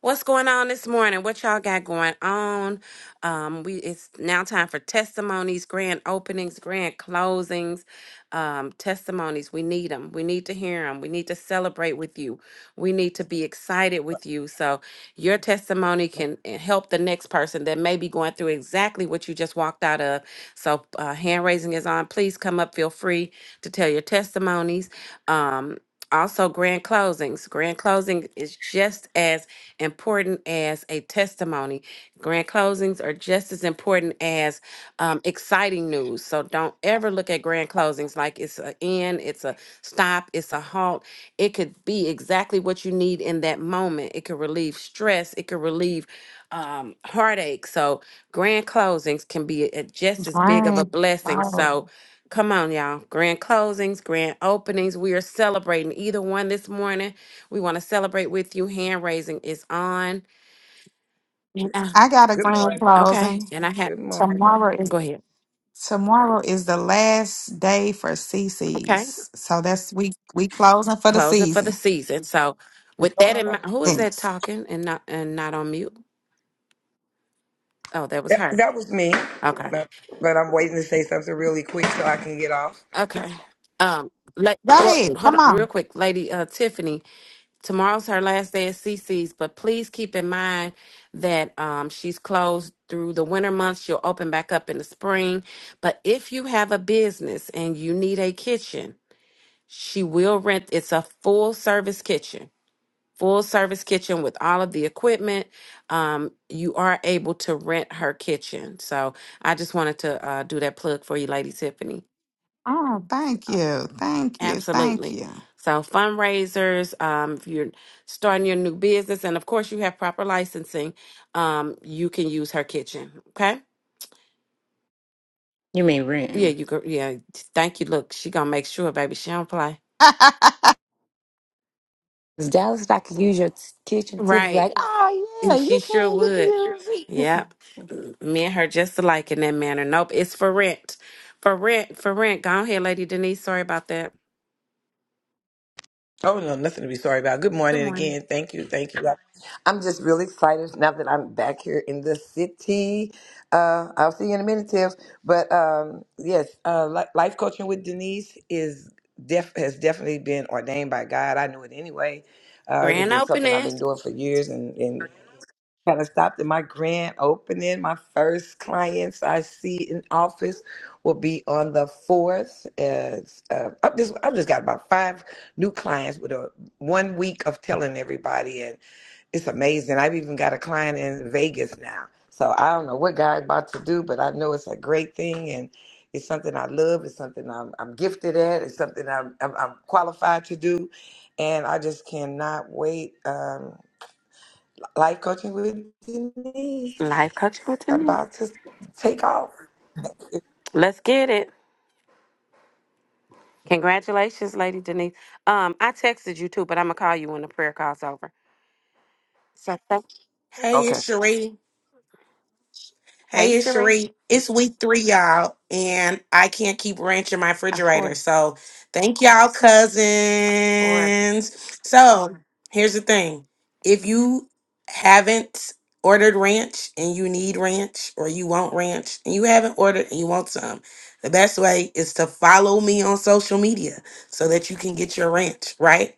C: What's going on this morning? What y'all got going on? Um, we it's now time for testimonies, grand openings, grand closings, um, testimonies. We need them. We need to hear them. We need to celebrate with you. We need to be excited with you. So your testimony can uh, help the next person that may be going through exactly what you just walked out of. So uh, hand raising is on. Please come up. Feel free to tell your testimonies. Um, also, grand closings. Grand closing is just as important as a testimony. Grand closings are just as important as um, exciting news. So don't ever look at grand closings like it's an end, it's a stop, it's a halt. It could be exactly what you need in that moment. It could relieve stress, it could relieve um, heartache. So grand closings can be a, just as big of a blessing. So come on, y'all. Grand closings, grand openings. We are celebrating either one this morning. We want to celebrate with you. Hand raising is on. And, uh,
A: I got a
H: Good
A: grand
H: morning.
C: okay.
A: closing
C: And I had,
H: Good morning.
A: tomorrow. Is
C: go ahead.
A: tomorrow is the last day for
C: Okay.
A: CCs, so that's we we closing for the
C: Closing for the
A: season.
C: season. So,
H: It's
C: with that
H: all
C: in
H: right.
C: mind, who is that
A: Yes,
C: talking and not and not on mute? Oh, that was
H: That,
C: her.
H: that was me.
C: Okay.
H: But but I'm waiting to say something really quick so I can get off.
C: Okay. Um, like,
A: go
C: well,
A: ahead.
C: hold
A: Come
C: on real
A: on.
C: quick, Lady uh, Tiffany. Tomorrow's her last day at CC's, but please keep in mind that um, she's closed through the winter months. She'll open back up in the spring. But if you have a business and you need a kitchen, She will rent. It's a full service kitchen, full service kitchen with all of the equipment. Um, you are able to rent her kitchen. So I just wanted to uh, do that plug for you, Lady Tiffany.
A: Oh, thank
C: Um,
A: you, thank you, thank
C: absolutely.
A: you.
C: So fundraisers, um, if you're starting your new business, and of course you have proper licensing, um, you can use her kitchen. Okay.
B: You mean
C: Yeah,
B: rent.
C: you go. Yeah, thank you. Look, she gonna make sure, baby, she don't play.
B: Is Dallas if I could use your t- kitchen tip be
C: Right.
B: like, oh yeah,
C: And she
B: you
C: sure
B: can you can
C: would.
B: use it.
C: Yep. Mm, Me and her just alike in that manner. Nope, it's for rent. For rent, for rent. Go ahead, Lady Denise. Sorry about that.
H: Oh, no, nothing to be sorry about. Good
C: Good
H: morning
C: morning.
H: again. Thank you. Thank you. I'm just really excited now that I'm back here in the city. Uh, I'll see you in a minute, Tiff. But um, yes, uh, li- life coaching with Denise is def- has definitely been ordained by God. I knew it anyway. Uh, it's
C: Grand
H: been something I've
C: opening.
H: been doing for years, and. Had I stopped at my grand opening, my first clients I see in office will be on the fourth. As uh, I've just I've just got about five new clients with a one week of telling everybody, and it's amazing. I've even got a client in Vegas now, so I don't know what God's about to do, but I know it's a great thing, and it's something I love. It's something I'm, I'm gifted at. It's something I'm, I'm I'm qualified to do, and I just cannot wait. Um, Life coaching with Denise
C: Life coach with Denise.
H: about to take off.
C: Let's get it. Congratulations, Lady Denise. Um, I texted you too, but I'm gonna call you when the prayer call's over. So thank-
L: Hey,
H: Okay.
L: it's Cherie.
C: hey
L: Hey, it's
C: Sheree.
L: Cherie. It's week three, y'all, and I can't keep ranching my
C: Of
L: refrigerator.
C: course.
L: So thank y'all,
C: Of course.
L: cousins. So here's the thing. If you haven't ordered ranch and you need ranch or you want ranch and you haven't ordered and you want some, the best way is to follow me on social media so that you can get your ranch, right?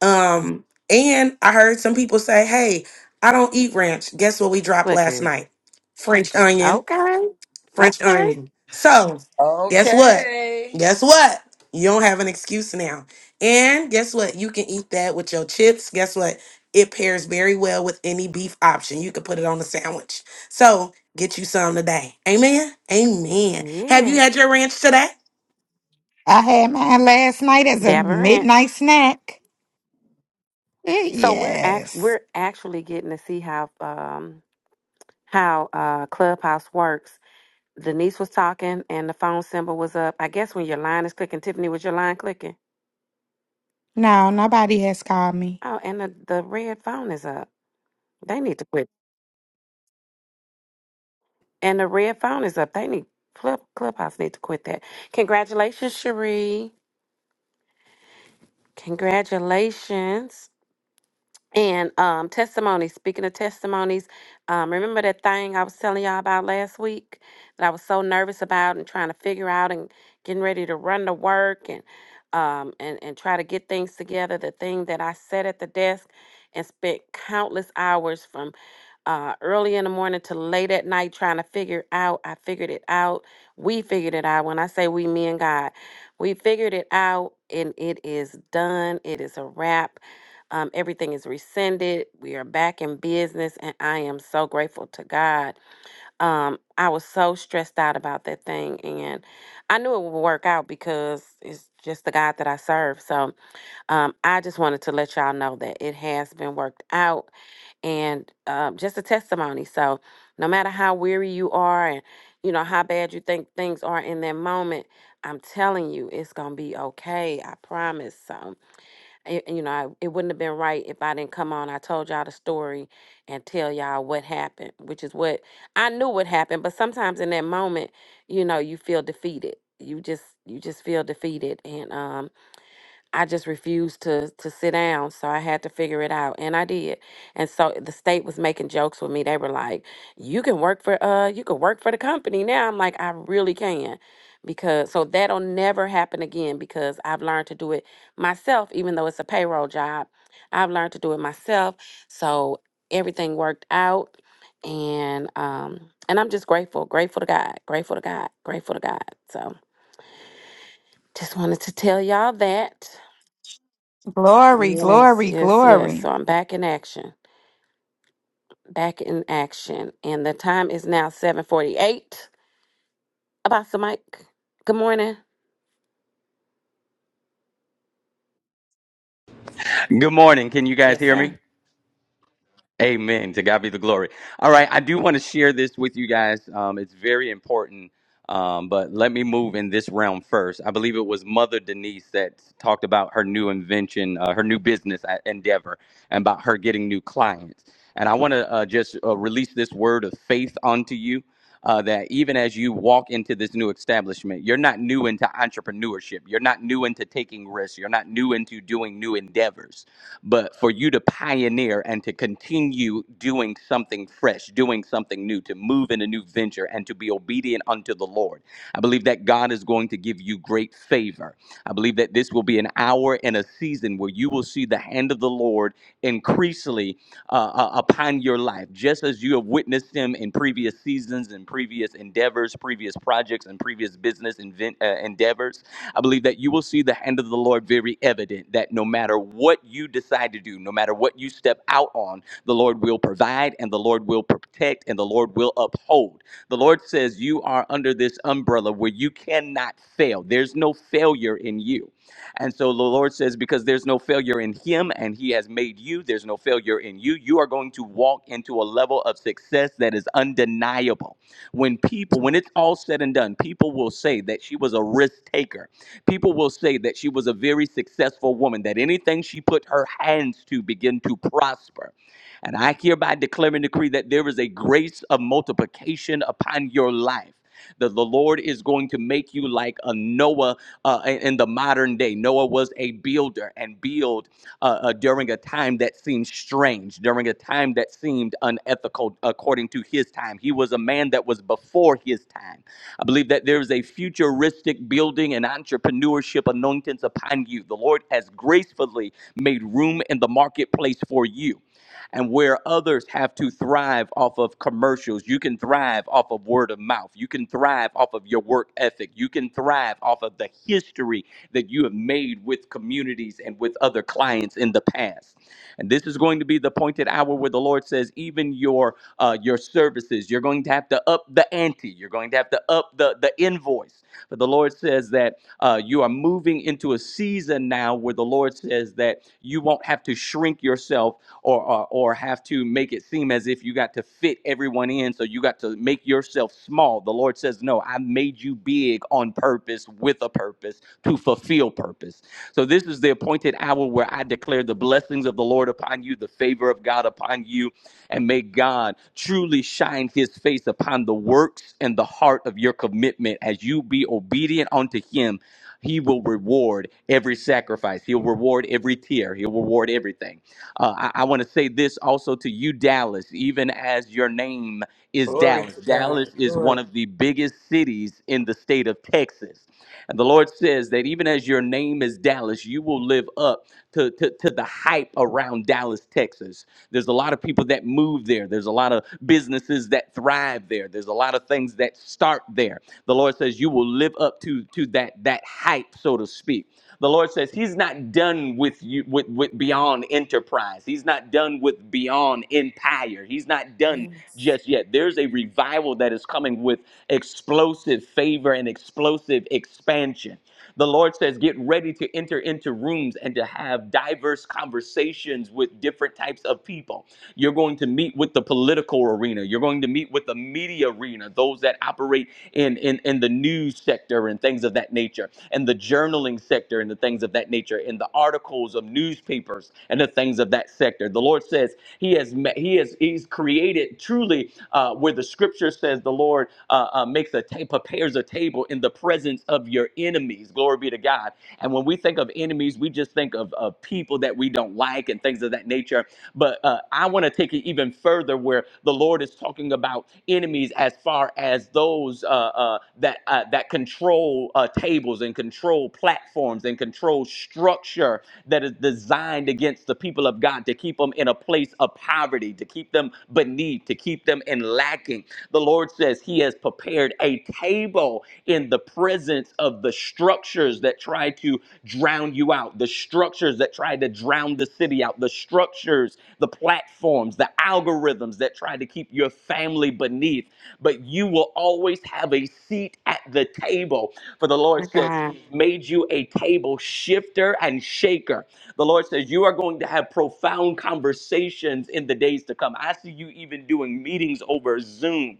L: Um, and I heard some people say, "Hey, I don't eat ranch." Guess what we dropped
C: Look
L: last
C: here.
L: night? French onion,
C: Okay.
L: French
C: Okay.
L: onion. So, guess what?
H: Okay.
L: Guess what? You don't have an excuse now. And guess what? You can eat that with your chips. Guess what? It pairs very well with any beef option. You can put it on a sandwich. So, get you some today. Amen. Amen. Have you had
C: Yes.
L: your ranch today?
A: I had mine last night as a
C: Dabber Ranch.
A: midnight snack. Eh,
C: So we're act
A: Yes.
C: we're actually getting to see how um how uh Clubhouse works. Denise was talking and the phone symbol was up. I guess when your line is clicking, Tiffany, was your line clicking?
A: No, nobody has called me.
C: Oh, and the, the red phone is up. They need to quit. And the red phone is up. They need Club Clubhouse need to quit that. Congratulations, Cherie. Congratulations. And um, testimonies, speaking of testimonies, um, remember that thing I was telling y'all about last week that I was so nervous about and trying to figure out and getting ready to run to work and um, and, and try to get things together. The thing that I sat at the desk and spent countless hours from uh, early in the morning to late at night trying to figure out. I figured it out. We figured it out. When I say we, me and God, we figured it out and it is done. It is a wrap. Um, everything is rescinded. We are back in business, and I am so grateful to God. Um, I was so stressed out about that thing, and I knew it would work out because it's just the God that I serve. So um, I just wanted to let y'all know that it has been worked out, and um, just a testimony. So no matter how weary you are, and you know how bad you think things are in that moment, I'm telling you, it's gonna be okay. I promise. So it, you know, I, it wouldn't have been right if I didn't come on. I told y'all the story and tell y'all what happened, which is what I knew what happened. But sometimes in that moment, you know, you feel defeated. You just you just feel defeated, and um, I just refused to to sit down, so I had to figure it out, and I did. And so the state was making jokes with me. They were like, "You can work for uh, you can work for the company now." I'm like, "I really can," because so that'll never happen again because I've learned to do it myself. Even though it's a payroll job, I've learned to do it myself. So everything worked out, and um, and I'm just grateful, grateful to God, grateful to God, grateful to God. So just wanted to tell y'all that.
A: Glory,
C: Yes,
A: glory,
C: yes, yes. So
A: glory.
C: I'm back in action. Back in action. And the time is now 748. About the mic. Good morning.
K: Good morning. Can you guys
C: Yes,
K: hear me?
C: sir.
K: Amen. To God be the glory. All right, I do want to share this with you guys. Um, it's very important, um, but let me move in this realm first. I believe it was Mother Denise that talked about her new invention, uh, her new business at endeavor, and about her getting new clients. And I want to uh, just uh, release this word of faith onto you. Uh, that even as you walk into this new establishment, you're not new into entrepreneurship. You're not new into taking risks. You're not new into doing new endeavors but for you to pioneer and to continue doing something fresh, doing something new, to move in a new venture and to be obedient unto the Lord. I believe that God is going to give you great favor. I believe that this will be an hour and a season where you will see the hand of the Lord increasingly uh, uh, upon your life, just as you have witnessed Him in previous seasons and previous endeavors, previous projects, and previous business invent, uh, endeavors. I believe that you will see the hand of the Lord very evident that no matter what you decide to do, no matter what you step out on, the Lord will provide and the Lord will protect and the Lord will uphold. The Lord says you are under this umbrella where you cannot fail. There's no failure in you. And so the Lord says, because there's no failure in Him and He has made you, there's no failure in you. You are going to walk into a level of success that is undeniable. When people,
C: Oh,
K: when it's all said and done, people will say that she was a risk taker. People will say that she was a very successful woman, that anything she put her hands to began to prosper. And I hereby declare and decree that there is a grace of multiplication upon your life. That the Lord is going to make you like a Noah uh, in in the modern day. Noah was a builder and build uh, uh, during a time that seemed strange, during a time that seemed unethical according to his time. He was a man that was before his time. I believe that there is a futuristic building and entrepreneurship anointings upon you. The Lord has gracefully made room in the marketplace for you and where others have to thrive off of commercials, you can thrive off of word of mouth. You can thrive off of your work ethic. You can thrive off of the history that you have made with communities and with other clients in the past. And this is going to be the pointed hour where the Lord says, even your uh, your services, you're going to have to up the ante. You're going to have to up the the invoice. But the Lord says that uh, you are moving into a season now where the Lord says that you won't have to shrink yourself or, or, or have to make it seem as if you got to fit everyone in. So you got to make yourself small. The Lord says, No, I made you big on purpose with a purpose to fulfill purpose. So this is the appointed hour where I declare the blessings of the Lord upon you, the favor of God upon you, and may God truly shine his face upon the works and the heart of your commitment as you be obedient unto him. He will reward every sacrifice. He'll reward every tear. He'll reward everything. Uh, I, I want to say this also to you, Dallas, even as your name is
H: Glory
K: Dallas.
H: to God.
K: Dallas is one
H: Glory.
K: of the biggest cities in the state of Texas. And the Lord says that even as your name is Dallas, you will live up to, to, to the hype around Dallas, Texas. There's a lot of people that move there, there's a lot of businesses that thrive there, there's a lot of things that start there. The Lord says you will live up to, to that, that hype, so to speak the Lord says He's not done with you with, with beyond enterprise. He's not done with beyond empire. He's not done
C: yes.
K: just yet. There's a revival that is coming with explosive favor and explosive expansion. The Lord says, get ready to enter into rooms and to have diverse conversations with different types of people. You're going to meet with the political arena. You're going to meet with the media arena, those those that operate in, in, in the news sector and things of that nature, and the journaling sector and the things of that nature, and the articles of newspapers and the things of that sector. The Lord says He has met, He has He's created truly uh, where the Scripture says the Lord uh, uh, makes a ta- prepares a table in the presence of your enemies. Glory be to God. And when we think of enemies, we just think of, of people that we don't like and things of that nature. But uh, I want to take it even further where the Lord is talking about enemies as far as those uh, uh, that uh, that control uh, tables and control platforms and control structure that is designed against the people of God to keep them in a place of poverty, to keep them beneath, to keep them in lacking. The Lord says He has prepared a table in the presence of the structures structures that try to drown you out, the structures that try to drown the city out, the structures, the platforms, the algorithms that try to keep your family beneath. But you will always have a seat at the table. For the Lord
C: My
K: says, He
C: God.
K: made you a table shifter and shaker. The Lord says, You are going to have profound conversations in the days to come. I see you even doing meetings over Zoom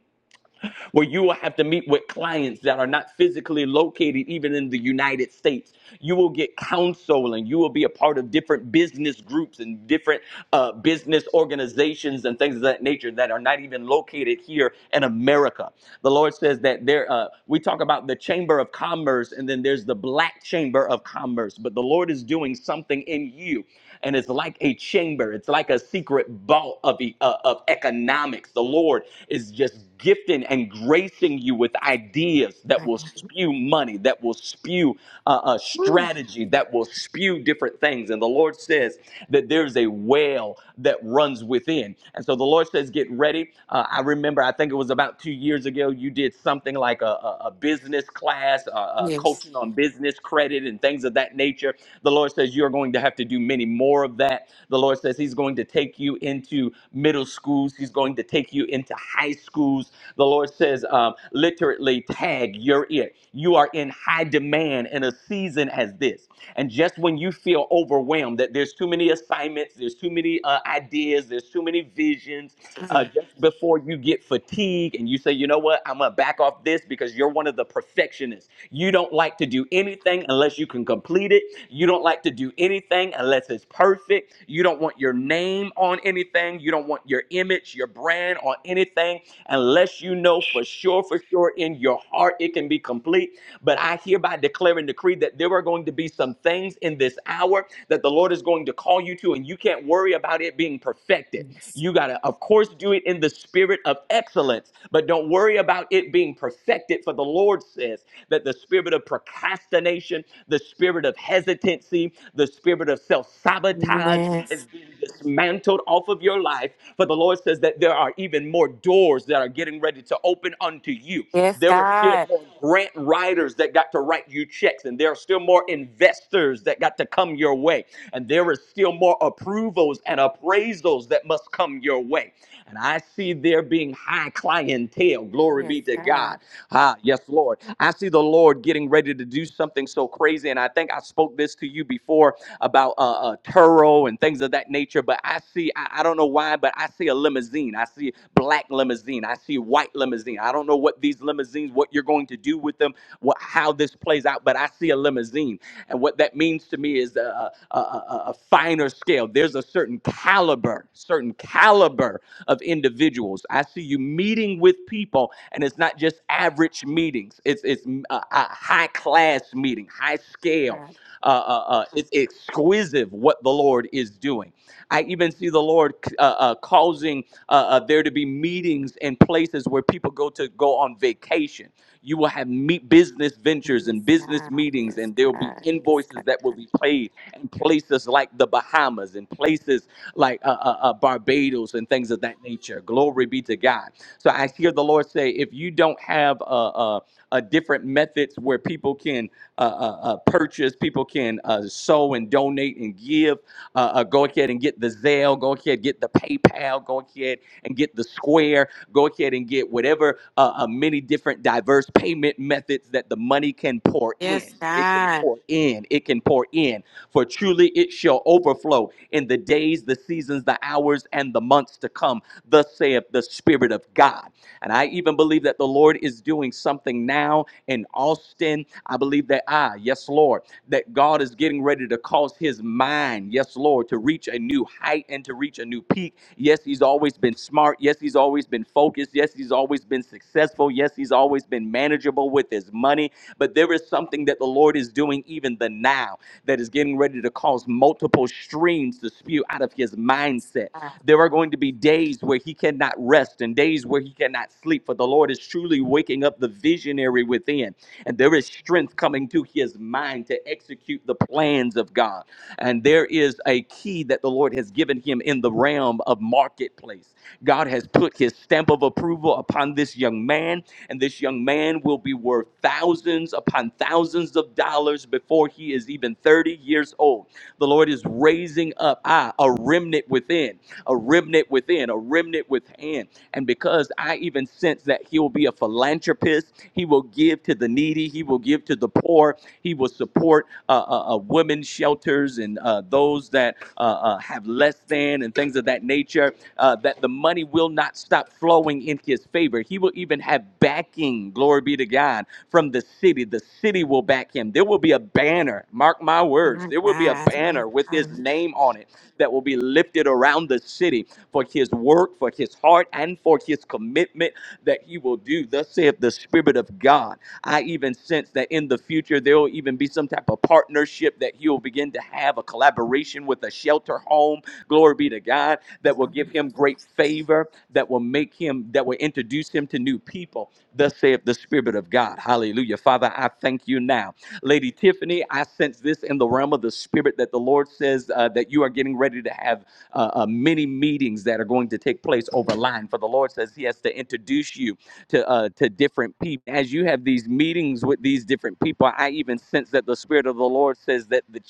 K: where you will have to meet with clients that are not physically located even in the United States. You will get counsel and you will be a part of different business groups and different uh, business organizations and things of that nature that are not even located here in America. The Lord says that there, uh, we talk about the Chamber of Commerce and then there's the Black Chamber of Commerce, but the Lord is doing something in you and it's like a chamber. It's like a secret vault of, e- uh, of economics. The Lord is just gifting and gracing you with ideas that
C: My
K: will
C: God.
K: spew money, that will spew uh, a
C: Woo.
K: strategy, that will spew different things. And the Lord says that there's a well that runs within. And so the Lord says, get ready. Uh, I remember, I think it was about two years ago, you did something like a, a, a business class, uh, uh,
C: Yes.
K: coaching on business credit and things of that nature. The Lord says, you're going to have to do many more of that. The Lord says, He's going to take you into middle middle schools. He's going to take you into high schools. The Lord says, um, literally, tag, you're it. You are in high demand in a season as this. And just when you feel overwhelmed, that there's too many assignments, there's too many uh, ideas, there's too many visions, uh,
C: Mm.
K: just before you get fatigued and you say, you know what, I'm gonna back off this because you're one of the perfectionists. You don't like to do anything unless you can complete it. You don't like to do anything unless it's perfect. You don't want your name on anything. You don't want your image, your brand on anything unless you know for sure, for sure in your heart it can be complete. But I hereby declare and decree that there are going to be some things in this this hour that the Lord is going to call you to, and you can't worry about it being perfected. You got to, of course, do it in the spirit of excellence, but don't worry about it being perfected, for the Lord says that the spirit of procrastination, the spirit of hesitancy, the spirit of self sabotage is
C: Yes.
K: being dismantled off of your life. For the Lord says that there are even more doors that are getting ready to open unto you you.
C: Yes,
K: There were still
C: God.
K: more grant writers that got to write you checks, and there are still more investors that got to come your way, and there is still more approvals and appraisals that must come your way. And I see there being high clientele. Glory
C: Yes,
K: be to God.
C: God.
K: Ah, yes, Lord. I see the Lord getting ready to do something so crazy. And I think I spoke this to you before about uh, uh, Turo and things of that nature. But I see, I, I don't know why, but I see a limousine. I see black limousine. I see white limousine. I don't know what these limousines, what you're going to do with them, what, how this plays out, but I see a limousine. And what that means to me is a, a, a, a finer scale. There's a certain caliber, certain caliber of individuals. I see you meeting with people, and it's not just average meetings. It's it's mm, a, a high class meeting, high scale.
C: God.
K: Uh, uh, uh,
C: Mm.
K: it's exquisite what the Lord is doing. I even see the Lord uh, uh, causing uh, uh, there to be meetings and places where people go to go on vacation. You will have meet business ventures
C: Yes,
K: and business
C: God.
K: meetings,
C: Yes,
K: and there will be
C: God. Yes,
K: invoices
C: God.
K: that will be paid in places like the Bahamas and places like uh, uh, uh, Barbados and things of that nature. Glory be to God. So I hear the Lord say, if you don't have a uh, uh, different methods where people can uh, uh, uh, purchase, people can uh, sow and donate and give, uh, uh, go ahead and get the Zelle, go ahead get the PayPal, go ahead and get the Square, go ahead and get whatever uh, uh, many different diverse payment methods that the money can pour in.
C: Yes,
K: It can
C: God.
K: pour in. It can pour in for truly it shall overflow in the days, the seasons, the hours, and the months to come. Thus saith the Spirit of God. And I even believe that the Lord is doing something now in Austin. I believe that, ah, yes, Lord that God is getting ready to cause his mind, yes, Lord, to reach a new height and to reach a new peak. Yes, he's always been smart. Yes, he's always been focused. Yes, he's always been successful. Yes, he's always been manageable with his money. But there is something that the Lord is doing even the now that is getting ready to cause multiple streams to spew out of his mindset
C: Ah,
K: there are going to be days where he cannot rest and days where he cannot sleep, for the Lord is truly waking up the visionary within. And there is strength coming to his mind to execute the plans of God. And there is a key that the Lord has given him in the realm of marketplace. God has put his stamp of approval upon this young man, and this young man will be worth thousands upon thousands of dollars before he is even 30 years old. The Lord is raising up ah, a remnant within, a remnant within, a remnant within. And because I even sense that he will be a philanthropist, he will give to the needy, he will give to the poor, he will support uh, uh, uh, women's shelters renters and uh, those that uh, uh, have less than and things of that nature, uh, that the money will not stop flowing in his favor. He will even have backing, glory be to God, from the city. The city will back him. There will be a banner, mark my words,
C: My
K: there will be a
C: God. My
K: banner with his
C: God.
K: name on it that will be lifted around the city for his work, for his heart, and for his commitment that he will do. Thus saith the Spirit of God. I even sense that in the future there will even be some type of partnership that he will begin begin to have a collaboration with a shelter home. Glory be to God that will give him great favor, that will make him, that will introduce him to new people. Thus saith the Spirit of God. Hallelujah. Father, I thank you now. Lady Tiffany, I sense this in the realm of the Spirit that the Lord says uh, that you are getting ready to have uh, uh, many meetings that are going to take place over line. For the Lord says He has to introduce you to uh, to different people. As you have these meetings with these different people, I even sense that the Spirit of the Lord says that the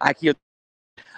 K: I keep,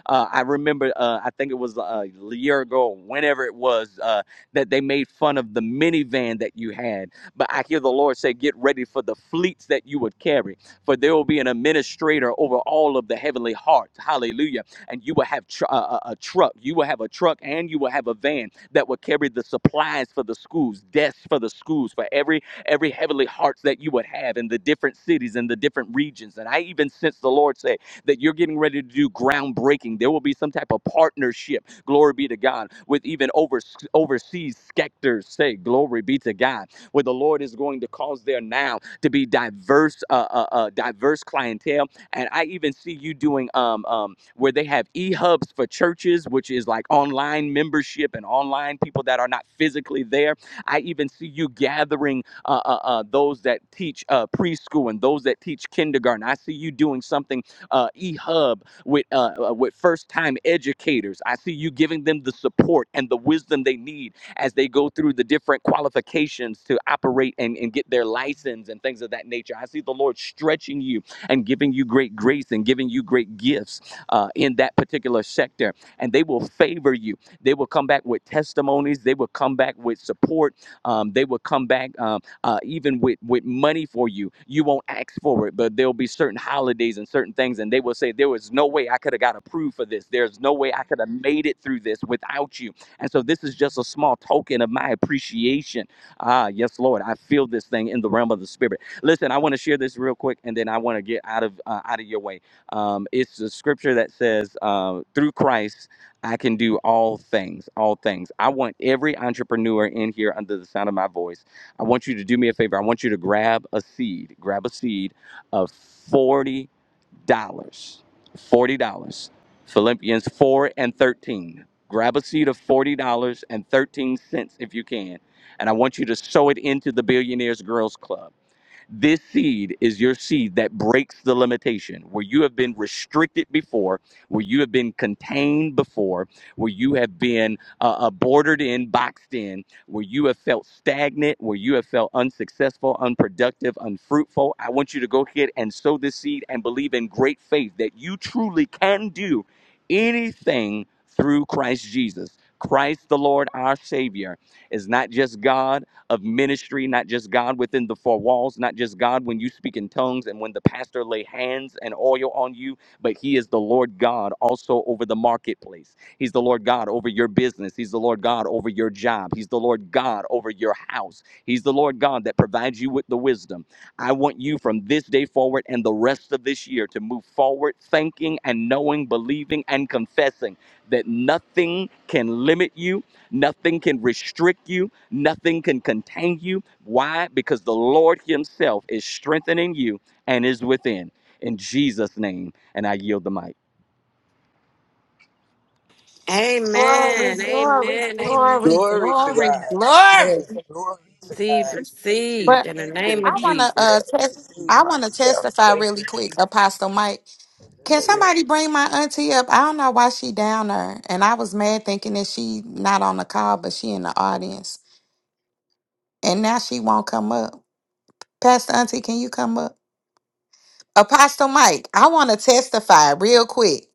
K: uh, I remember, uh, I think it was uh, a year ago, whenever it was, uh, that they made fun of the minivan that you had. But I hear the Lord say, Get ready for the fleets that you would carry, for there will be an administrator over all of the heavenly hearts. Hallelujah. And you will have tr- uh, a, a truck, you will have a truck, and you will have a van that will carry the supplies for the schools, desks for the schools, for every every heavenly hearts that you would have in the different cities and the different regions. And I even sense the Lord say, that you're getting ready to do groundbreaking. There will be some type of partnership, glory be to God, with even over, overseas sectors, say, glory be to God, where the Lord is going to cause there now to be diverse, uh, uh, uh, diverse clientele. And I even see you doing um, um, where they have e hubs for churches, which is like online membership and online people that are not physically there. I even see you gathering uh, uh, uh, those that teach uh, preschool and those that teach kindergarten. I see you doing something uh, eHub, with uh, uh, with first time educators. I see you giving them the support and the wisdom they need as they go through the different qualifications to operate and, and get their license and things of that nature. I see the Lord stretching you and giving you great grace and giving you great gifts uh, in that particular sector, and they will favor you. They will come back with testimonies. They will come back with support. Um, they will come back. uh, uh, even with with money for you. You won't ask for it, but there'll be certain holidays and certain things, and they will say there was no way I could have got approved for this. There's no way I could have made it through this without you. And so this is just a small token of my appreciation. Ah, yes, Lord, I feel this thing in the realm of the spirit. Listen, I want to share this real quick, and then I want to get out of uh, out of your way. Um, it's a scripture that says, uh, "Through Christ, I can do all things, all things." I want every entrepreneur in here under the sound of my voice I want you to do me a favor. I want you to grab a seed. Grab a seed of $40. dollars. $40. Philippians 4 and 13. Grab a seed of $40 and 13 cents if you can. And I want you to sow it into the Billionaires Girls Club. This seed is your seed that breaks the limitation where you have been restricted before, where you have been contained before, where you have been uh, uh, bordered in, boxed in, where you have felt stagnant, where you have felt unsuccessful, unproductive, unfruitful. I want you to go ahead and sow this seed and believe in great faith that you truly can do anything through Christ Jesus. Christ the Lord, our Savior, is not just God of ministry, not just God within the four walls, not just God when you speak in tongues and when the pastor lay hands and oil on you, but He is the Lord God also over the marketplace. He's the Lord God over your business. He's the Lord God over your job. He's the Lord God over your house. He's the Lord God that provides you with the wisdom. I want you from this day forward and the rest of this year to move forward thinking and knowing, believing and confessing that nothing can limit you Nothing can restrict you, nothing can contain you. Why? Because the Lord Himself is strengthening you and is within. In Jesus' name, and I yield the mic.
A: Glory,
C: Amen.
A: glory,
C: Amen. Amen.
A: glory,
H: Glory to
A: glory,
H: God.
A: glory.
H: Yes. Glory to
C: Receive,
H: God.
C: receive
A: But
C: in the
H: Thank
C: name
H: you.
C: of
A: I
H: Thank
A: wanna
H: you.
A: uh
H: I
C: Jesus.
A: test I
H: receive
A: wanna
H: myself.
A: testify
H: Thank
A: really quick,
H: you,
A: Apostle Mike. Can
H: Jesus.
A: somebody bring my auntie up? I don't know why she down there. And I was mad thinking that she not on the call, but she in the audience. And now she won't come up. Pastor Auntie, can you come up? Apostle Mike, I want to testify real quick.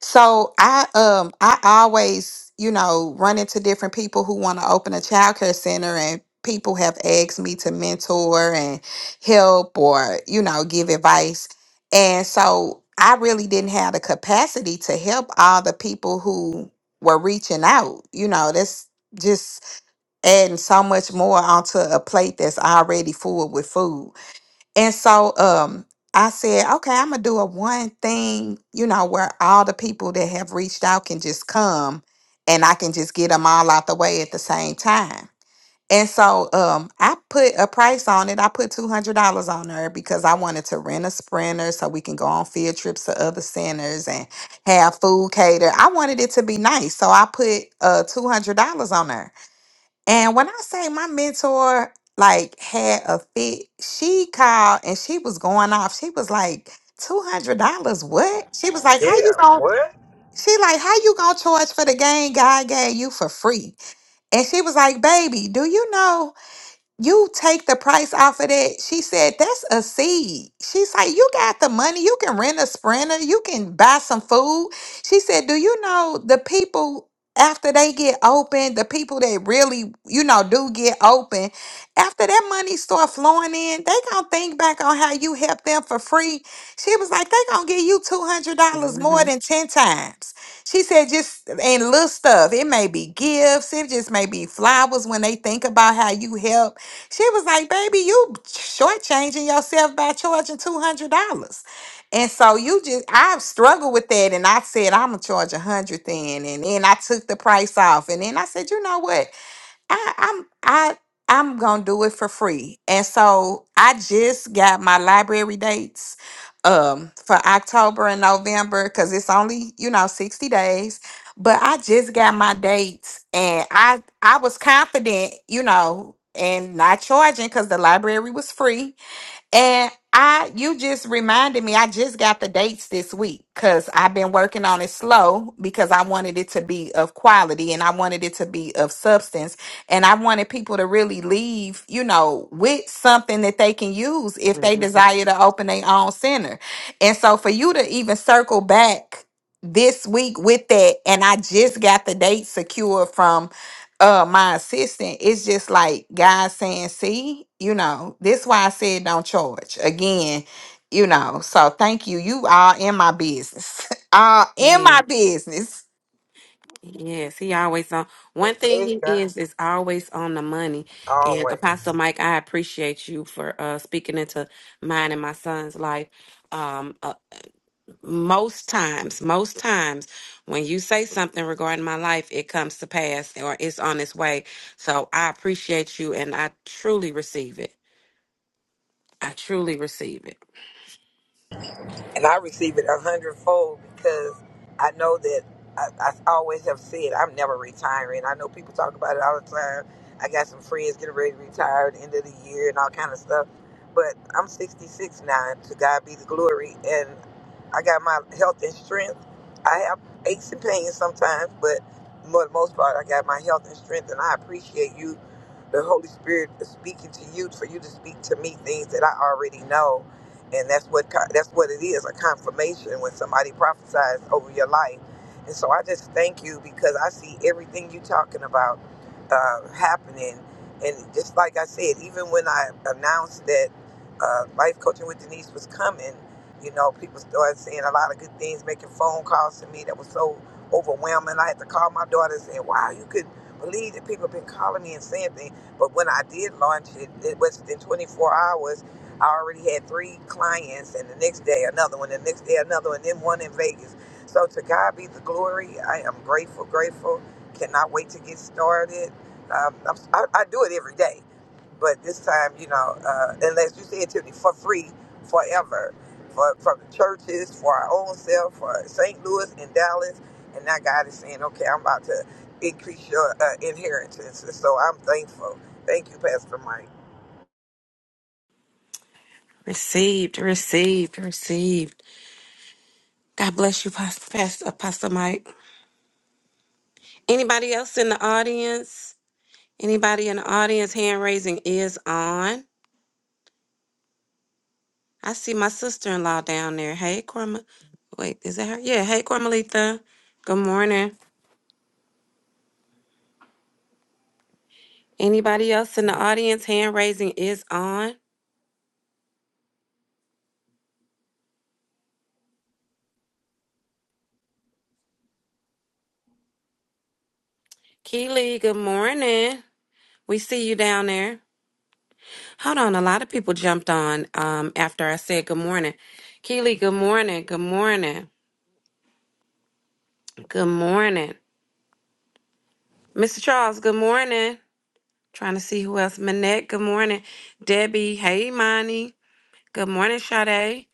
A: So I um I always, you know, run into different people who want to open a childcare center and people have asked me to mentor and help or, you know, give advice. And so I really didn't have the capacity to help all the people who were reaching out. You know, that's just adding so much more onto a plate that's already full with food. And so um I said, okay, I'm gonna do a one thing, you know, where all the people that have reached out can just come and I can just get them all out the way at the same time. And so um I put a price on it. I put two hundred dollars on there because I wanted to rent a sprinter so we can go on field trips to other centers and have food cater. I wanted it to be nice. So I put uh two hundred dollars on there. And when I say my mentor like had a fit, she called and she was going off. She was like, two hundred dollars, what? She was like, How
H: Yeah.
A: you gonna
H: What?
A: she like, How you gonna charge for the game God gave you for free? And she was like, Baby, do you know? you take the price off of that. She said, that's a seed. She's like, you got the money. You can rent a sprinter. You can buy some food. She said, do you know the people after they get open, the people that really, you know, do get open, after that money start flowing in, they gonna think back on how you helped them for free. She was like, they gonna give you $200 more
C: hmm
A: than 10 times. She said, just and little stuff. It may be gifts. It just may be flowers when they think about how you helped." She was like, baby, you shortchanging yourself by charging $200. And so you just, I've struggled with that. And I said, I'm going to charge a hundred then. And then I took the price off. And then I said, you know what? I, I'm I I'm gonna do it for free. And so I just got my library dates um for October and November because it's only, you know, 60 days. But I just got my dates and I I was confident, you know, and not charging because the library was free and I, you just reminded me, I just got the dates this week because I've been working on it slow because I wanted it to be of quality and I wanted it to be of substance. And I wanted people to really leave, you know, with something that they can use if they desire to open their own center. And so for you to even circle back this week with that, and I just got the date secure from uh my assistant it's just like God saying see you know this why i said don't charge again you know so thank you you are in my business [LAUGHS] all in
C: Yeah.
A: my business
C: Yes, he always on. One thing
H: Praise
C: he
H: God.
C: is is always on the money. And
H: Always.
C: Apostle Mike, I appreciate you for uh, speaking into mine and my son's life. Um, uh, most times, most times, when you say something regarding my life, it comes to pass or it's on its way. So I appreciate you, and I truly receive it. I truly receive it.
H: and I receive it a hundredfold because I know that I, I always have said I'm never retiring. I know people talk about it all the time. I got some friends getting ready to retire at the end of the year and all kind of stuff. But I'm 66 now, and to God be the glory. And I got my health and strength. I have aches and pains sometimes, but for the most part, I got my health and strength. And I appreciate you, the Holy Spirit, speaking to you for you to speak to me things that I already know and that's what co- that's what it is a confirmation when somebody prophesies over your life and so i just thank you because i see everything you're talking about uh, happening and just like i said even when i announced that uh, life coaching with denise was coming you know people started saying a lot of good things making phone calls to me that was so overwhelming i had to call my daughter and say wow you could believe that people have been calling me and saying things but when i did launch it it was within 24 hours I already had three clients, and the next day another one, the next day another one, then one in Vegas. So to God be the glory. I am grateful, grateful. Cannot wait to get started. Um, I'm, I, I do it every day, but this time, you know, uh, unless you say it to me for free, forever, for from the churches, for our own self, for St. Louis and Dallas, and now God is saying, okay, I'm about to increase your uh, inheritance. And so I'm thankful. Thank you, Pastor Mike.
C: Received, received, received. God bless you, Pas- Pastor Apostle Mike. Anybody else in the audience? Anybody in the audience? Hand raising is on. I see my sister in law down there. Hey, Corma. Wait, is that her? Yeah. Hey, Cormelita. Good morning. Anybody else in the audience? Hand raising is on. Keely, good morning. We see you down there. Hold on. A lot of people jumped on um, after I said good morning. Keely, good morning. Good morning. Good morning. Mr. Charles, good morning. Trying to see who else. Manette, good morning. Debbie, hey, Monty. Good morning, Sade.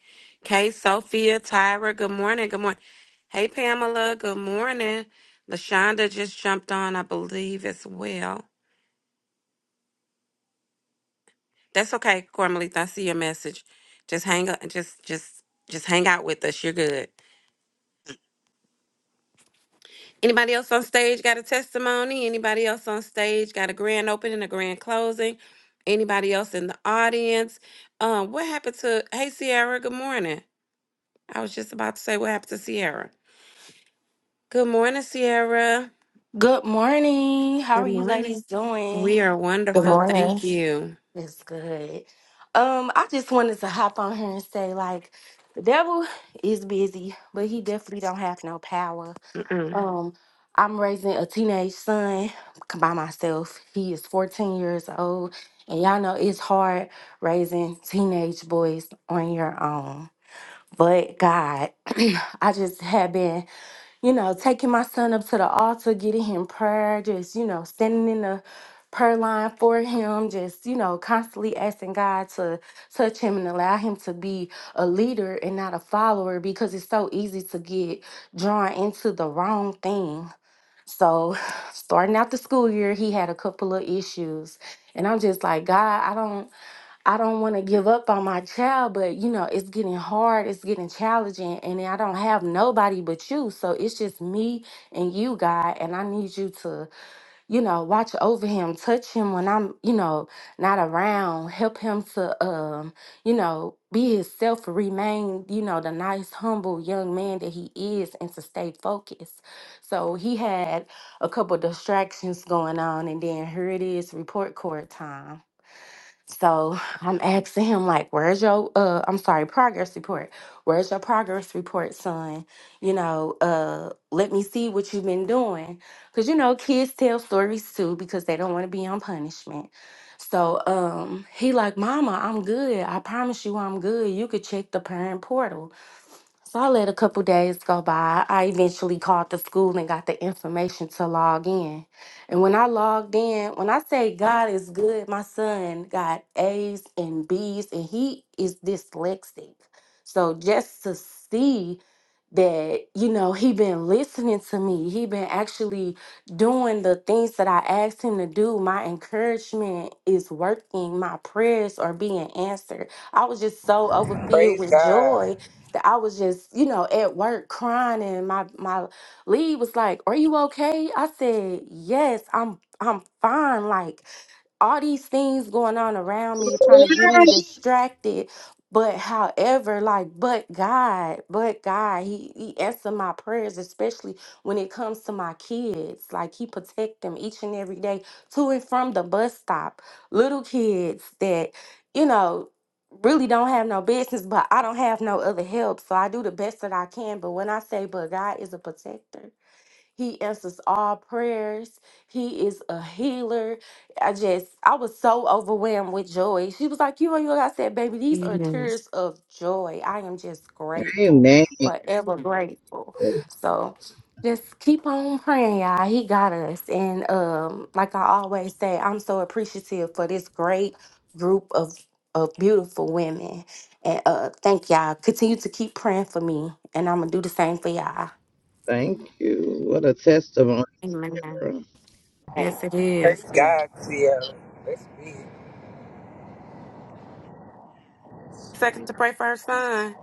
C: Kay, Sophia, Tyra, good morning. Good morning. Hey, Pamela, good morning. LaShonda just jumped on, I believe, as well. That's okay, Cormelita. I see your message. Just hang up, just, just, just hang out with us. You're good. Anybody else on stage got a testimony? Anybody else on stage got a grand opening, and a grand closing? Anybody else in the audience? Um, what happened to Hey Sierra? Good morning. I was just about to say what happened to Sierra. Good morning, Sierra.
M: Good morning. How are
C: Good
M: you ladies
C: morning.
M: doing?
C: We are
B: [LAUGHS] Good
C: wonderful. Thank
B: morning.
C: you.
M: It's good. Um, I just wanted to hop on here and say, like, the devil is busy, but he definitely don't have no power.
C: Mm-mm.
M: Um, I'm raising a teenage son by myself. He is 14 years old, and y'all know it's hard raising teenage boys on your own. But God, [CLEARS THROAT] I just have been you know, taking my son up to the altar, getting him prayer, just, you know, standing in the prayer line for him, just, you know, constantly asking God to touch him and allow him to be a leader and not a follower because it's so easy to get drawn into the wrong thing. So, [SIGHS] starting out the school year, he had a couple of issues. And I'm just like, God, I don't. I don't want to give up on my child, but you know, it's getting hard, it's getting challenging, and I don't have nobody but you. So it's just me and you, God, and I need you to, you know, watch over him, touch him when I'm, you know, not around, help him to um, you know, be himself, remain, you know, the nice, humble young man that he is and to stay focused. So he had a couple distractions going on and then here it is report card time. So I'm asking him, like, where's your uh I'm sorry, progress report? Where's your progress report, son? You know, uh, let me see what you've been doing. Cause you know, kids tell stories too because they don't want to be on punishment. So um he like, Mama, I'm good. I promise you I'm good. You could check the parent portal. So I let a couple days go by. I eventually called the school and got the information to log in. And when I logged in, when I say God is good, my son got A's and B's, and he is dyslexic. So just to see that you know he been listening to me he been actually doing the things that i asked him to do my encouragement is working my prayers are being answered i was just so overfilled
H: Praise
M: with
H: God.
M: joy that I was just, you know, at work crying and my my lead was like, "Are you okay?" I said, "Yes, I'm I'm fine." Like all these things going on around me trying to get me distracted but however like but god but god he he answered my prayers especially when it comes to my kids like he protect them each and every day to and from the bus stop little kids that you know really don't have no business but i don't have no other help so i do the best that i can but when i say but god is a protector he answers all prayers. He is a healer. I just, I was so overwhelmed with joy. She was like, You are you. I said, Baby, these are
C: Yes.
M: tears of joy. I am just grateful,
D: Amen.
M: forever Mhm. grateful. So just keep on praying, y'all. He got us. And um, like I always say, I'm so appreciative for this great group of, of beautiful women. And uh, thank y'all. Continue to keep praying for me. And I'm going to do the same for y'all.
D: Thank you. What a testimony.
C: Amen.
D: girl.
B: Hey.
C: Yes, it is.
H: Praise
B: yeah.
H: God, Sierra. That's big.
C: Second to pray for her son.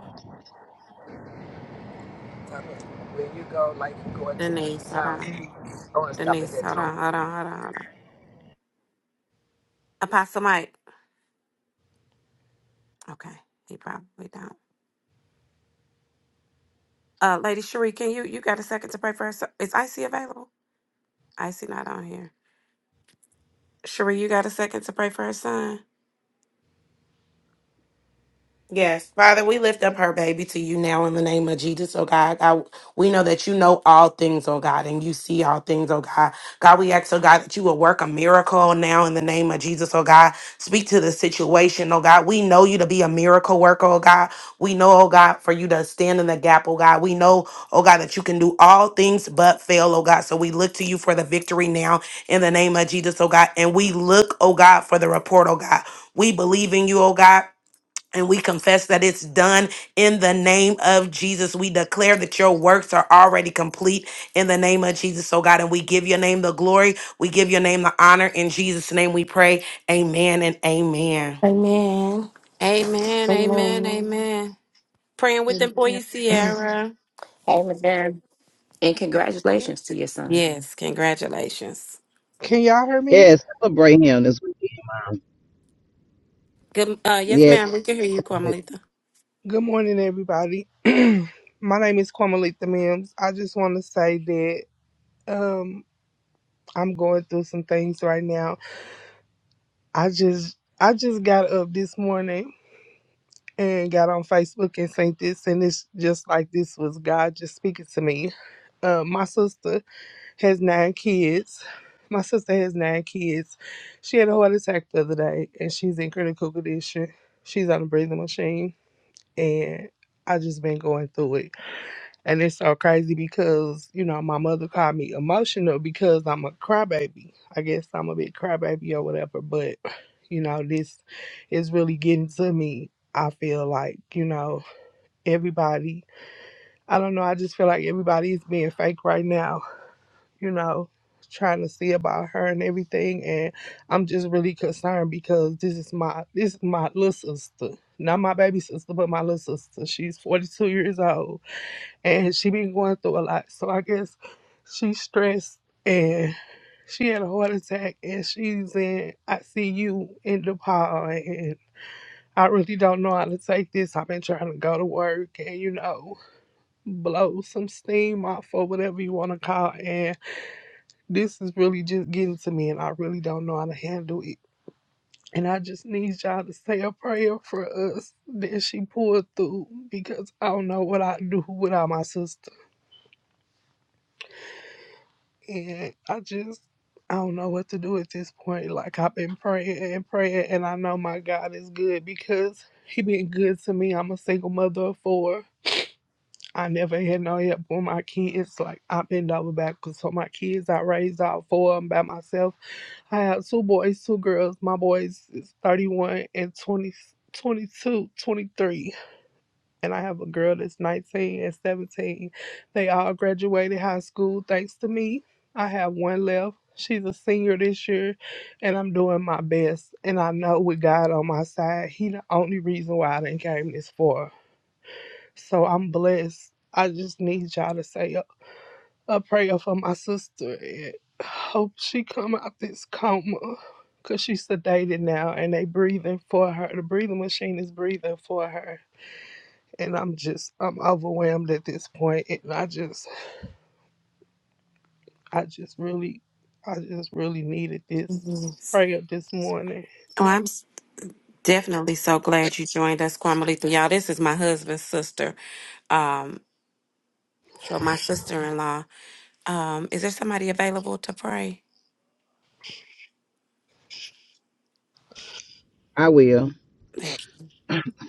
H: Tell me, When you go, like you go into
C: Denise,
H: Nikki's
C: hold
H: house,
C: on.
H: go and stop at
C: Denise,
H: that
C: hold
H: Tony.
C: on, hold on, hold on, hold on. Apostle Mike. Okay, he probably don't. Uh, Lady Cherie, can you you got a second to pray for her? Son? Is Icy available? Icy not on here. Cherie, you got a second to pray for her son?
L: Yes, Father, we lift up her baby to you now in the name of Jesus, oh God. God, we know that you know all things, oh God, and you see all things, oh God. God, we ask, oh God, that you will work a miracle now in the name of Jesus, oh God. Speak to the situation, oh God. We know you to be a miracle worker, oh God. We know, oh God, for you to stand in the gap, oh God. We know, oh God, that you can do all things but fail, oh God. So we look to you for the victory now in the name of Jesus, oh God. And we look, oh God, for the report, oh God. We believe in you, oh God. And we confess that it's done in the name of Jesus. We declare that your works are already complete in the name of Jesus, oh God. And we give your name the glory. We give your name the honor. In Jesus' name we pray. Amen and amen.
M: Amen.
C: Amen, amen,
M: Amen.
C: amen. Praying with them for you, Sierra.
B: Hey madam. And congratulations to your son.
C: Yes, congratulations.
N: Can y'all hear me?
D: Yes, celebrate him. this
C: Good. Uh, yes,
D: Yes,
C: ma'am. We can hear you,
D: Lord,
C: Carmelita.
N: Good morning, everybody. [CLEARS THROAT] My name is Cormelita Mims. I just want to say that um, I'm going through some things right now. I just I just got up this morning and got on Facebook and seen this, and it's just like this was God just speaking to me. Uh, my sister has nine kids. My sister has nine kids. She had a heart attack the other day, and she's in critical condition. She's on a breathing machine and I just been going through it. And it's so crazy because, you know, my mother called me emotional because I'm a crybaby. I guess I'm a big crybaby or whatever, but you know, this is really getting to me. I feel like, you know, everybody I don't know, I just feel like everybody is being fake right now you know, trying to see about her and everything. And I'm just really concerned because this is my this is my little sister. Not my baby sister, but my little sister. She's 42 years old and she been going through a lot. So I guess she's stressed and she had a heart attack and she's in ICU in DePaul and I really don't know how to take this. I've been trying to go to work and, you know, blow some steam off or whatever you want to call it. And this is really just getting to me, and I really don't know how to handle it. And I just need y'all to say a prayer for us that she pulled through because I don't know what I'd do without my sister. And I just, I don't know what to do at this point. Like, I've been praying and praying, and I know my God is good because He been good to me. I'm a single mother of four. I never had no help with my kids. Like, I bend over backwards for my kids. I raised all four of them by myself I have two boys, two girls. My boys is 31 and 20, 22, 23, And I have a girl that's 19 and 17. They all graduated high school thanks to me. I have one left. She's a senior this year, and I'm doing my best. And I know with God on my side, He the only reason why I didn't came this far. So I'm blessed. I just need y'all to say uh, a prayer for my sister. And hope she come out this coma, cause she's sedated now and they breathing for her. The breathing machine is breathing for her. And I'm just I'm overwhelmed at this point point. and I just I just really I just really needed this
C: Yes.
N: prayer this morning.
C: Oh,
N: Like
C: I'm s- definitely so glad you joined us, Carmelita. Y'all, this is my husband's sister. Um, so my sister-in-law. Um, is there somebody available to pray?
D: I will.
C: Thank you.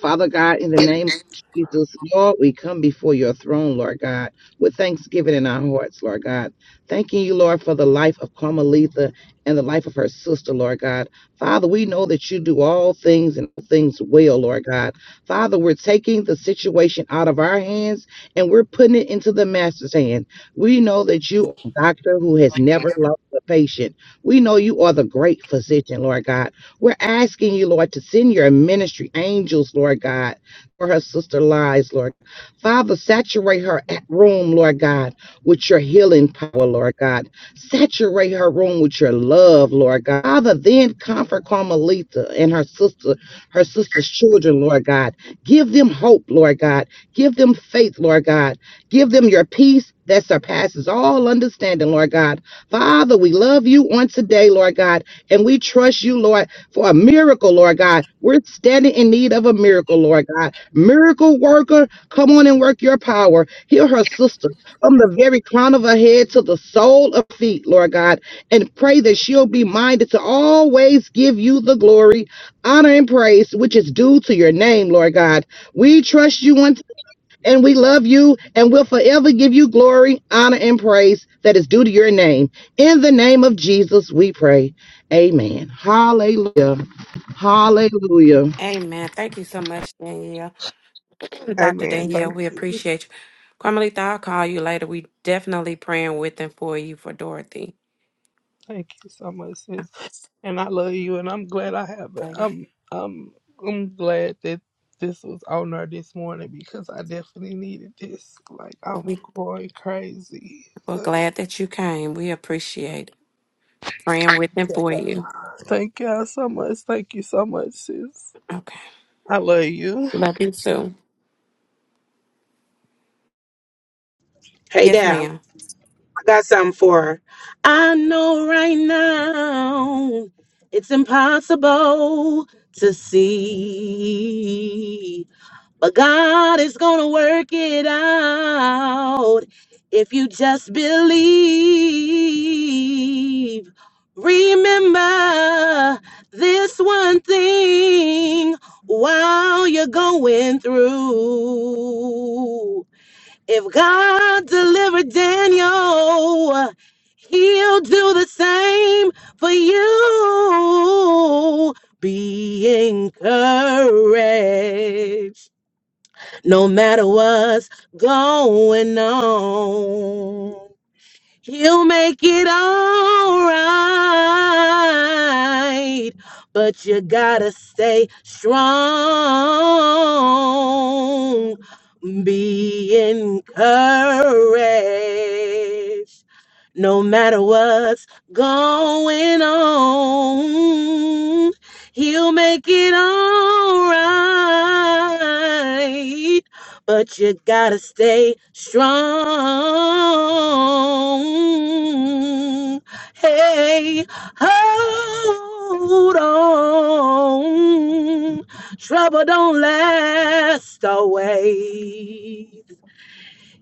D: Father God, in the name of Jesus, Lord, we come before your throne, Lord God, with thanksgiving in our hearts, Lord God. Thanking you, Lord, for the life of Carmelita and the life of her sister, Lord God. Father, we know that you do all things and all things well, Lord God. Father, we're taking the situation out of our hands and we're putting it into the master's hand. We know that you are a doctor who has never lost a patient. We know you are the great physician, Lord God. We're asking you, Lord, to send your ministry angels, Lord God, for her sister lies, Lord. Father, saturate her at room, Lord God, with your healing power, Lord God. Saturate her room with your love, Lord God. Father, then comfort Carmelita and her sister, her sister's children, Lord God. Give them hope, Lord God. Give them faith, Lord God. Give them your peace that surpasses all understanding, Lord God. Father, we love you on today, Lord God, and we trust you, Lord for a miracle, Lord God. We're standing in need of a miracle, Lord God. Miracle worker, come on and work your power. Heal her sister from the very crown of her head to the sole of her feet, Lord God, and pray that she'll be minded to always give you the glory, honor, and praise which is due to your name, Lord God. We trust you and and we love you and will forever give you glory, honor, and praise that is due to your name. In the name of Jesus, we pray. Amen. Hallelujah. Hallelujah.
C: Amen. Thank you so much, Danielle. [CLEARS THROAT] Dr.
N: Amen.
C: Danielle,
N: Thank
C: we
N: you.
C: appreciate you. Carmelita, I'll call you later. We definitely praying with and for you for Dorothy.
N: Thank you so much, sis. And I love you, and I'm glad I have it. I'm, I'm, I'm glad that this was on her this morning because I definitely needed this. Like,
C: Well,
N: I'm
C: we,
N: going crazy.
C: we're
N: Like,
C: glad that you came. We appreciate it. Praying with and for you.
N: thank y'all so much. Thank you so much, sis.
C: Okay.
N: I love you.
C: Love you too. Yes, ma'am.
L: Be no, he'll make it all right. But you gotta stay strong and courage. No, it's gone. fight, but you gotta stay strong. Hey, hold on. Trouble don't last always.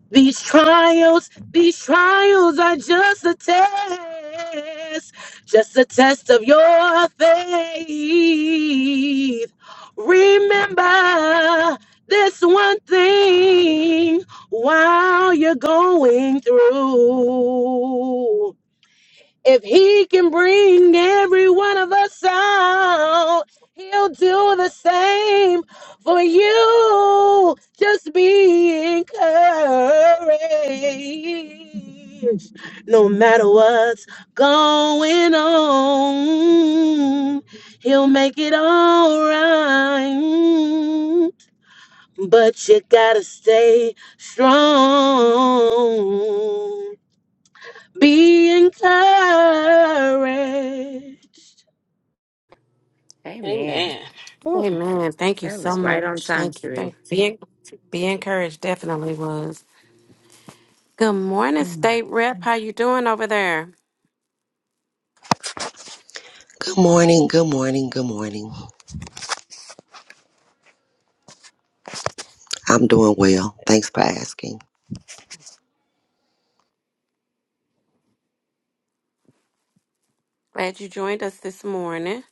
L: These trials, these trials are just a test, just a test of your faith. Remember this one thing while you're going through. If he can bring every one of us out, he'll do the same for you. Just be encouraged. No matter what's going on, he'll make it all right. But you gotta stay strong. Be encouraged.
B: Amen.
G: Amen. Whew.
C: Amen. Thank you
B: That
C: so
B: was right on
C: much.
B: time,
C: Thank you. Thank
B: Sheree.
C: you. Be, en- be encouraged. Definitely was. Good morning,
B: Mm.
C: State Rep. How you doing over there?
O: Good morning, good morning, good morning. I'm doing well. Thanks for asking.
C: Glad you joined us this morning.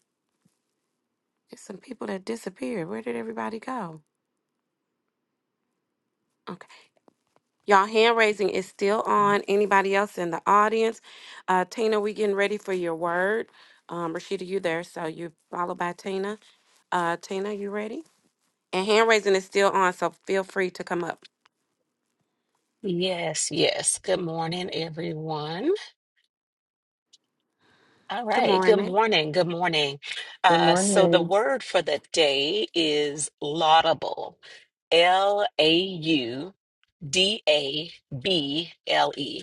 C: There's some people that disappeared. Where did everybody go? Okay. Y'all hand raising is still on. Anybody else in the audience? Uh, Tina, we getting ready for your word. Um, Rashida, you there? So you followed by Tina. Uh, Tina, you ready? And hand raising is still on, so feel free to come up.
G: Yes, yes. Good morning, everyone. All
C: Good
G: right. Good
C: morning.
G: morning. Good morning.
B: Good
G: Uh, so, the
B: morning.
G: word for the day is laudable L A U D A B L E.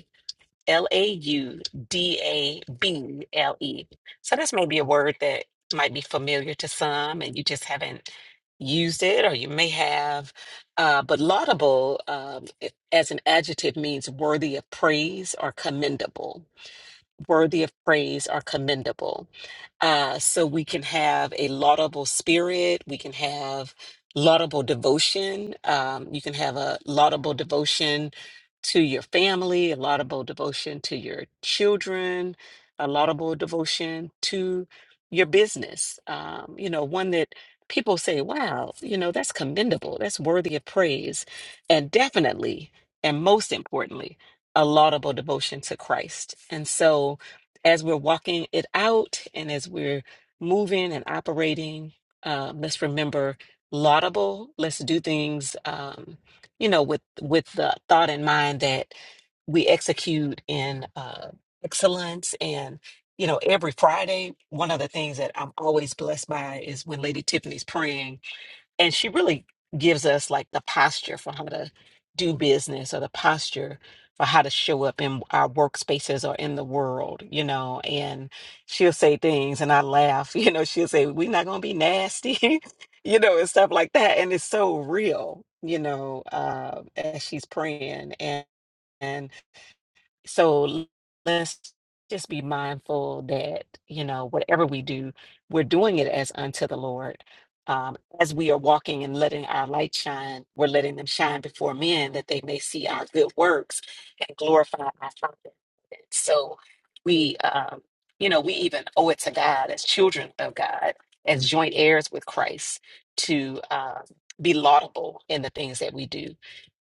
G: L A U D A B L E. So this may be a word that might be familiar to some, and you just haven't used it, or you may have. Uh, but laudable um, as an adjective means worthy of praise or commendable worthy of praise are commendable. Uh, so we can have a laudable spirit, we can have laudable devotion. Um, you can have a laudable devotion to your family, a laudable devotion to your children, a laudable devotion to your business. Um, you know, one that people say, wow, you know, that's commendable, that's worthy of praise. And definitely, and most importantly, a laudable devotion to Christ. And so, as we're walking it out and as we're moving and operating, um, let's remember laudable. Let's do things, um, you know, with with the thought in mind that we execute in uh, excellence and you know every friday one of the things that i'm always blessed by is when lady tiffany's praying and she really gives us like the posture for how to do business or the posture for how to show up in our workspaces or in the world, you know, and she'll say things and I laugh, [LAUGHS] you know, she'll say, We're not gonna be nasty, [LAUGHS] you know, and stuff like that. And it's so real, you know, uh, as she's praying and, and so let's just be mindful that, you know, whatever we do, we're doing it as unto the Lord. Um, as we are walking and letting our light shine, we're letting them shine before men that they may see our good works and glorify our Father. So we, um, you know, we even owe it to God as children of God, as joint heirs with Christ, to uh, be laudable in the things that we do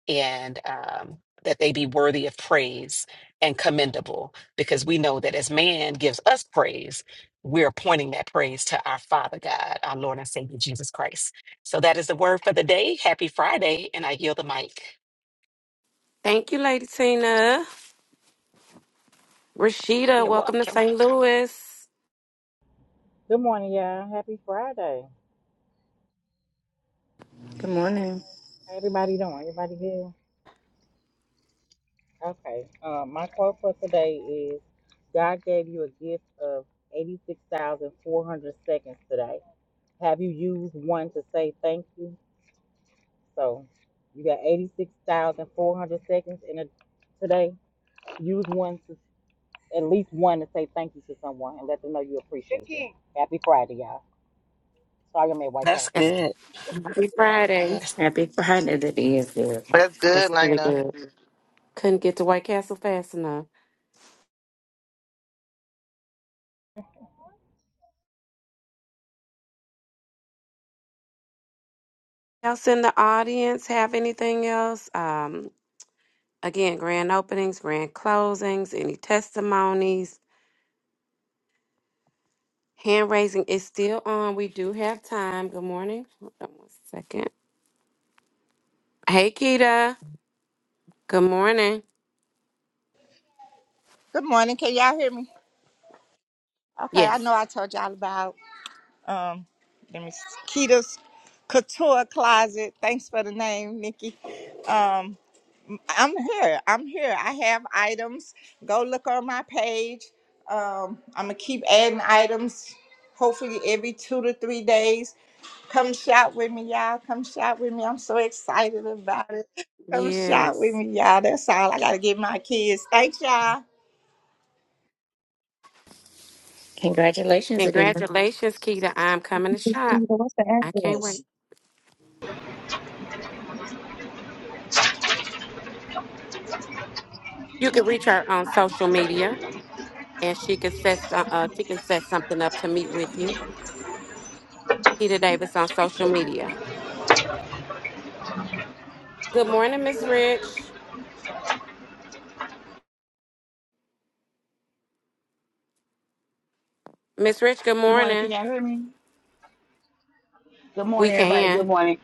G: and um, that they be worthy of praise and commendable, because we know that as man gives us praise, we're pointing that praise to our Father God, our Lord and Savior Jesus Christ. So that is the word for the day. Happy Friday, and I yield the mic.
C: Thank you, Lady Tina. Rashida,
G: You're
C: welcome to
G: welcome.
C: St. Louis.
P: Good morning, y'all. Happy Friday.
B: Good morning.
P: Okay. How everybody doing? Everybody good? Okay. Um, my quote for today is God gave you a gift of 86,400 seconds today. Have you used one to say thank you? So you got 86,400 seconds in a, today. Use one to, at least one to say thank you to someone and let them know you appreciate them. Happy Friday, y'all. Sorry I'm at White
G: That's
P: Castle,
C: It's
P: y'all.
G: good.
C: happy Friday.
G: Yes,
B: Happy Friday that is. dear.
C: That's really good. Couldn't get to White Castle fast enough. Else in the audience have anything else? Um, Again, grand openings, grand closings, any testimonies. Hand raising is still on. We do have time. Good morning. Hold on one second. Hey, Keita. Good morning.
Q: Good morning. Can y'all hear me? Okay, I
C: Yes.
Q: know I told y'all about um let me see, Kita's Couture Closet. Thanks for the name, Nikki. Um I'm here. I'm here. I have items. Go look on my page. Um I'm gonna keep adding items hopefully every two to three days. Come shop with me, y'all. Come shop with me. I'm so excited about it. Come shop with
C: Yes.
Q: me, y'all. That's all I gotta give my kids. Thanks, y'all.
B: Congratulations again.
C: Congratulations, Keita. I'm coming to
E: This
C: shop.
E: too, but What's the
C: I can't
E: address?
C: wait. You can reach her on social media, and she can set some- uh, she can set something up to meet with you. Keita Davis on social media. Good morning, Miss Rich. Miss Rich. Good
R: Good morning. Can
C: morning.
R: y'all hear me? Good
C: We
R: morning, everybody.
C: can.
R: Good morning.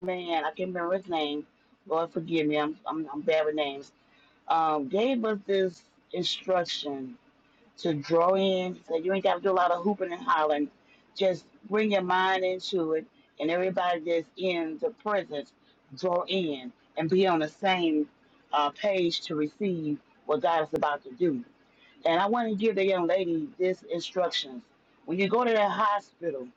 R: Man, I can't remember his name. Lord, forgive me. I'm I'm, I'm bad with names. Um, gave us this instruction to draw in. So you ain't got to do a lot of hooping and hollering. Just bring your mind into it, and everybody that's in the presence, draw in and be on the same uh, page to receive what God is about to do. And I want to give the young lady this instructions. When you go to that hospital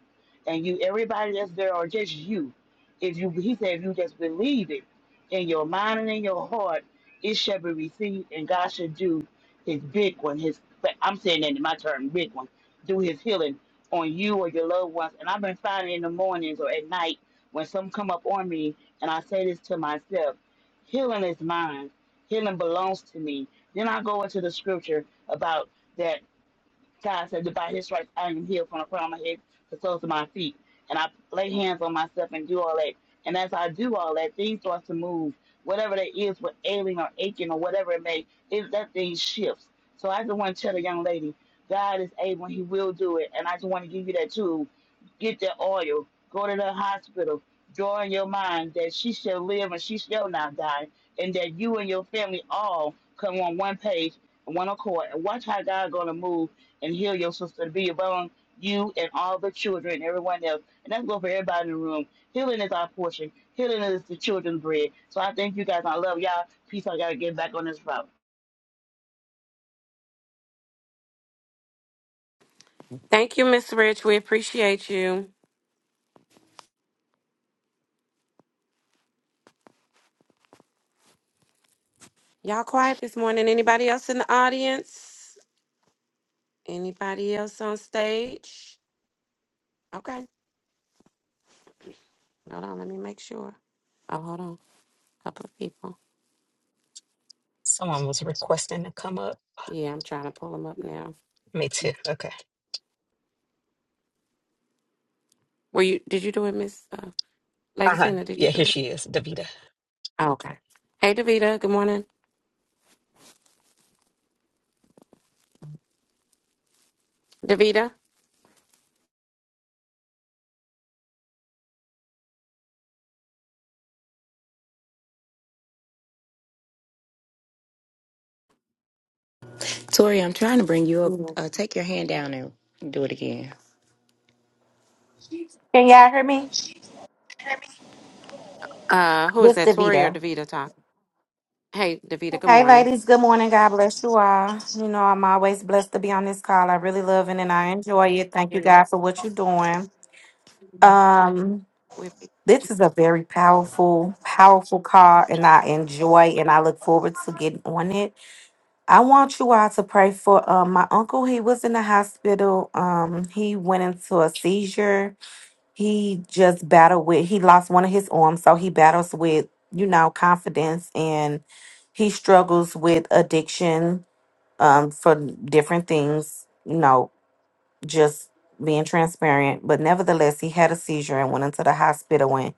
R: and you everybody that's there or just you, if you he said if you just believe it in your mind and in your heart, it shall be received and God shall do his big one, his I'm saying that in my term, big one, do his healing on you or your loved ones. And I've been finding in the mornings or at night when some come up on me and I say this to myself, healing is mine. Healing belongs to me. Then I go into the scripture about that God said, that by his stripes I am healed from the crown of my head to the soles of my feet. And I lay hands on myself and do all that. And as I do all that, things start to move. Whatever that is with ailing or aching or whatever it may, is that thing shifts. So I just want to tell the young lady, God is able he will do it. And I just want to give you that tool. Get that oil. Go to the hospital. Draw in your mind that she shall live and she shall not die. And that you and your family all come on one page and one accord. And watch how God gonna move and heal your sister to be among you and all the children and everyone else. And that's go for everybody in the room. Healing is our portion. Healing is the children's bread. So I thank you guys. I love y'all. Peace. I gotta get back on this route.
C: Thank you, Miss Rich. We appreciate you. Y'all quiet this morning. Anybody else in the audience? Anybody else on stage? Okay. Hold on. Let me make sure. Oh, hold on. couple of people.
G: someone was requesting to come up.
C: Yeah, I'm trying to pull them up now.
G: Me too. Okay.
C: Were you? Did you do it, Miss uh, Lady
G: Uh huh.
C: Tina? Did you
G: Yeah,
C: do
G: here
C: it?
G: she is, Davita.
C: Oh, okay. Hey, Davita. Good morning, Davita.
B: Tori, I'm trying to bring you up.
C: Mhm.
B: Uh, take your hand down and do it again.
S: Can y'all hear me?
C: Uh, who is
S: This
C: that? Tori or
S: Davita.
C: Davita talking? Hey, Davita. Good
S: Hey,
C: morning.
S: ladies. Good morning. God bless you all. You know, I'm always blessed to be on this call. I really love it and I enjoy it. Thank you, God,
C: Yes.
S: for what you're doing. Um, this is a very powerful, powerful call, and I enjoy and I look forward to getting on it. I want you all to pray for um, my uncle. He was in the hospital. Um, he went into a seizure he just battled with he lost one of his arms so he battles with you know confidence and he struggles with addiction um for different things you know just being transparent. But nevertheless, he had a seizure and went into the hospital and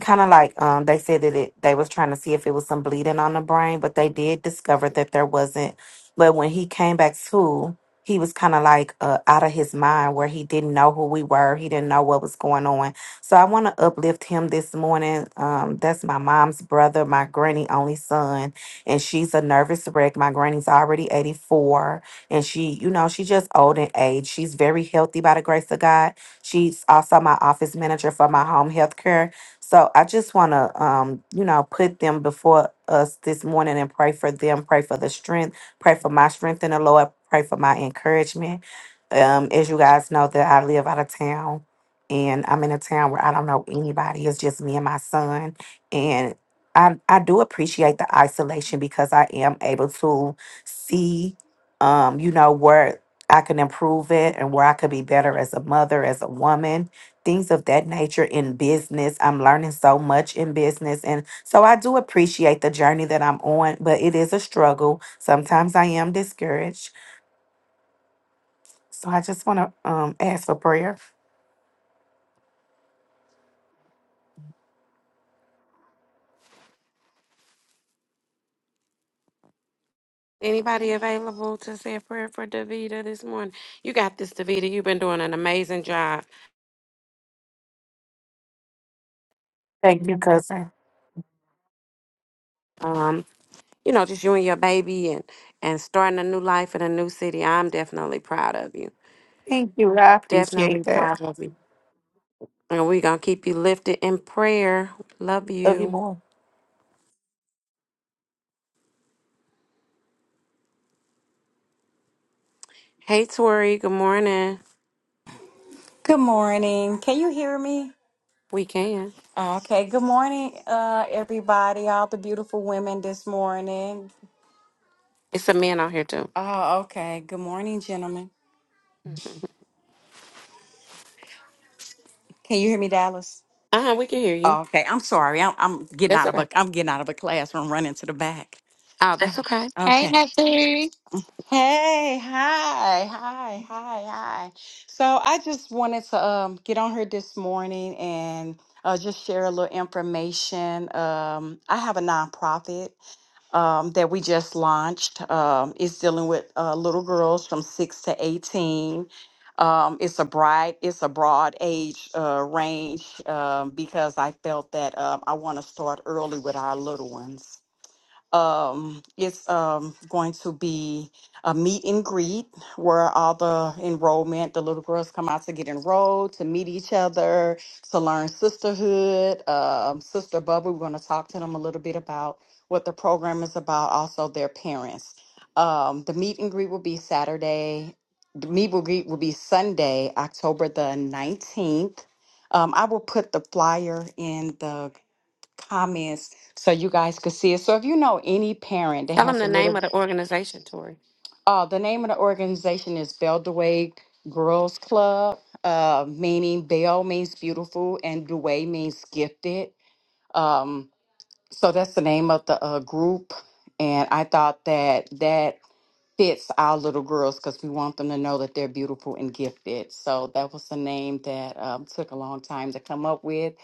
S: kind of like um they said that it, they was trying to see if it was some bleeding on the brain, but they did discover that there wasn't. But when he came back to, he was kind of like uh, out of his mind where he didn't know who we were. He didn't know what was going on. So I want to uplift him this morning. Um, that's my mom's brother, my granny only son, and she's a nervous wreck. My granny's already 84 and she, you know, she's just old in age. She's very healthy by the grace of God. She's also my office manager for my home health care. So I just want to, um, you know, put them before us this morning and pray for them, pray for the strength, pray for my strength in the Lord, pray for my encouragement. Um, as you guys know, that I live out of town and I'm in a town where I don't know anybody. It's just me and my son. And I, I do appreciate the isolation because I am able to see um, you know, where I can improve it and where I could be better as a mother, as a woman, things of that nature in business. I'm learning so much in business. And so I do appreciate the journey that I'm on, but it is a struggle. Sometimes I am discouraged. So I just want to um, ask for prayer.
C: Anybody available to say a prayer for Davita this morning? You got this, Davita. You've been doing an amazing job.
S: Thank you, cousin.
C: Um, you know, just you and your baby and and starting a new life in a new city. I'm definitely proud of you.
S: Thank you. I appreciate
C: Definitely
S: that.
C: proud of you. And we're gonna keep you lifted in prayer. Love
S: Love you
C: you.
S: more.
C: Hey Tori, good morning.
T: Good morning. Can you hear me?
C: We can.
T: Okay. Good morning, uh, everybody, all the beautiful women this morning.
C: It's a man out here too.
T: Oh, okay. Good morning, gentlemen.
C: [LAUGHS]
T: Can you hear me, Dallas?
C: Uh huh, we can hear you.
T: Oh, okay. I'm sorry. I'm, I'm getting
C: That's
T: out of a
C: okay.
T: I'm getting out of a classroom, running to the back.
C: Oh, that's okay.
A: Hey,
T: Okay.
A: Nephew.
T: Hey, hi, hi, hi, hi. So I just wanted to um, get on here this morning and uh, just share a little information. Um, I have a nonprofit um, that we just launched. Um, it's dealing with uh, little girls from six to eighteen. Um, it's a bright, it's a broad age uh, range um, because I felt that um, I want to start early with our little ones um, it's um, going to be a meet and greet where all the enrollment, the little girls come out to get enrolled, to meet each other, to learn sisterhood. Um, Sister Bubba, we're going to talk to them a little bit about what the program is about, also their parents. Um, the meet and greet will be Saturday. The meet and greet will be Sunday, October the 19th. Um, I will put the flyer in the comments so you guys could see it. So if you know any parent that
C: Tell them
T: has a
C: the name
T: little,
C: of the organization, Tori.
T: uh, the name of the organization is Beldaway Girls Club, uh, meaning Bell means beautiful and Douay means gifted. Um, so that's the name of the uh, group. And I thought that that fits our little girls because we want them to know that they're beautiful and gifted. So that was a name that um, took a long time to come up with,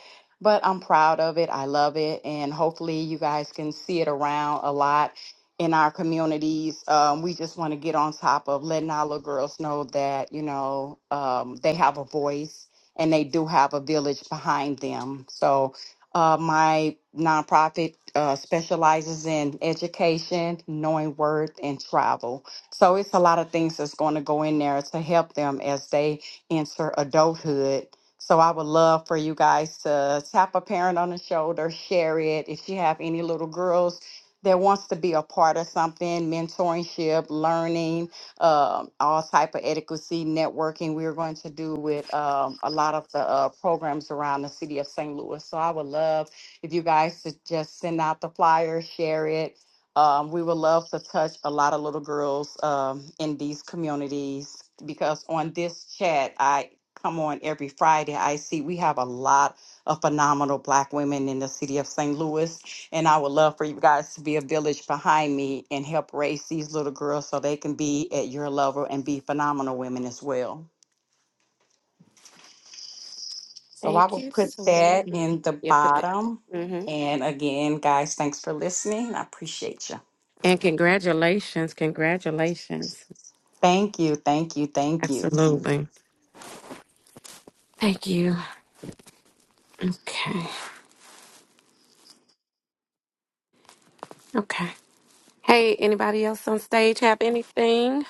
T: but I'm proud of it. I love it, and hopefully you guys can see it around a lot in our communities. Um, we just want to get on top of letting our little girls know that you know um, they have a voice and they do have a village behind them. So. Uh, my nonprofit uh, specializes in education, knowing worth, and travel. So it's a lot of things that's going to go in there to help them as they enter adulthood. So I would love for you guys to tap a parent on the shoulder, share it. If you have any little girls that wants to be a part of something, mentorship, learning, um, all type of adequacy, networking, we're going to do with um, a lot of the uh, programs around the city of St. Louis. So I would love if you guys to just send out the flyer, share it, um, we would love to touch a lot of little girls um, in these communities because on this chat, I come on every Friday. I see we have a lot of phenomenal Black women in the city of St. Louis, and I would love for you guys to be a village behind me and help raise these little girls so they can be at your level and be phenomenal women as well. So I
C: Thank
T: will
C: you,
T: put
C: sweetheart.
T: that
C: Mhm.
T: in the
C: Yeah, put the
T: bottom.
C: mhm.
T: And again, guys, thanks for listening. I appreciate you.
C: And congratulations, congratulations.
T: Thank you, thank you, thank you.
C: Absolutely. Thank you. Okay. Okay. Hey, anybody else on stage have anything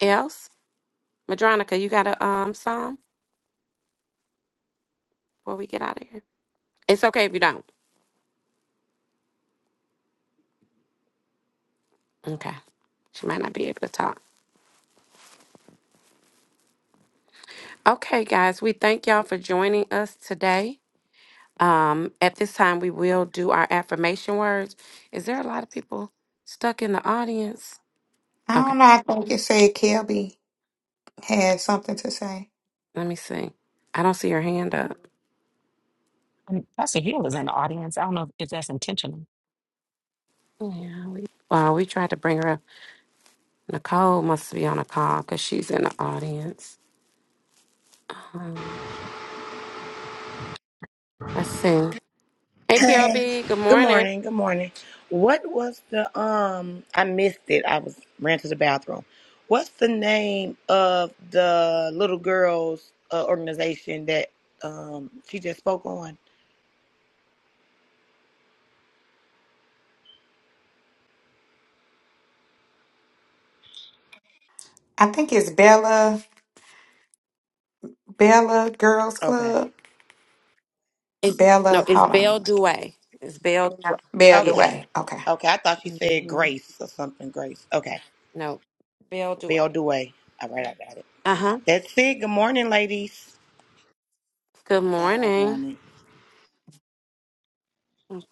C: else? Madronica, you got a um song before we get out of here? It's okay if you don't. Okay. She might not be able to talk. Okay, guys, we thank y'all for joining us today. Um, at this time we will do our affirmation words. Is there a lot of people stuck in the audience?
A: i
C: Okay,
A: don't know i think it said kelby had something to say
C: let me see. I don't see your hand up.
G: And Pastor Hill is in the audience. I don't know if that's intentional.
C: Yeah, we well, we tried to bring her up. Nicole must be on a call because she's in the audience. Um, let's see. Hey,
U: Hey,
C: KLB, good
U: good
C: morning.
U: morning. Good morning. What was the um? I missed it. I was ran to the bathroom. What's the name of the little girls uh, organization that um she just spoke on?
A: i think it's bella bella girls
U: Okay,
A: club
C: It's,
A: bella
C: no, it's
A: hold on i'm
C: Belle
A: gonna get it
C: Douay. It's Belle. Duay.
A: bella the
C: Yeah.
U: okay,
A: way okay
U: okay. I thought she said
C: hmm
U: Grace or something. Grace. Okay,
C: No, Belle
U: Belle
C: Douay.
U: Dewey. All right, I got it.
C: Uh huh.
U: That's it. Good morning, ladies.
C: Good
U: That's all I
C: morning.
U: wanted.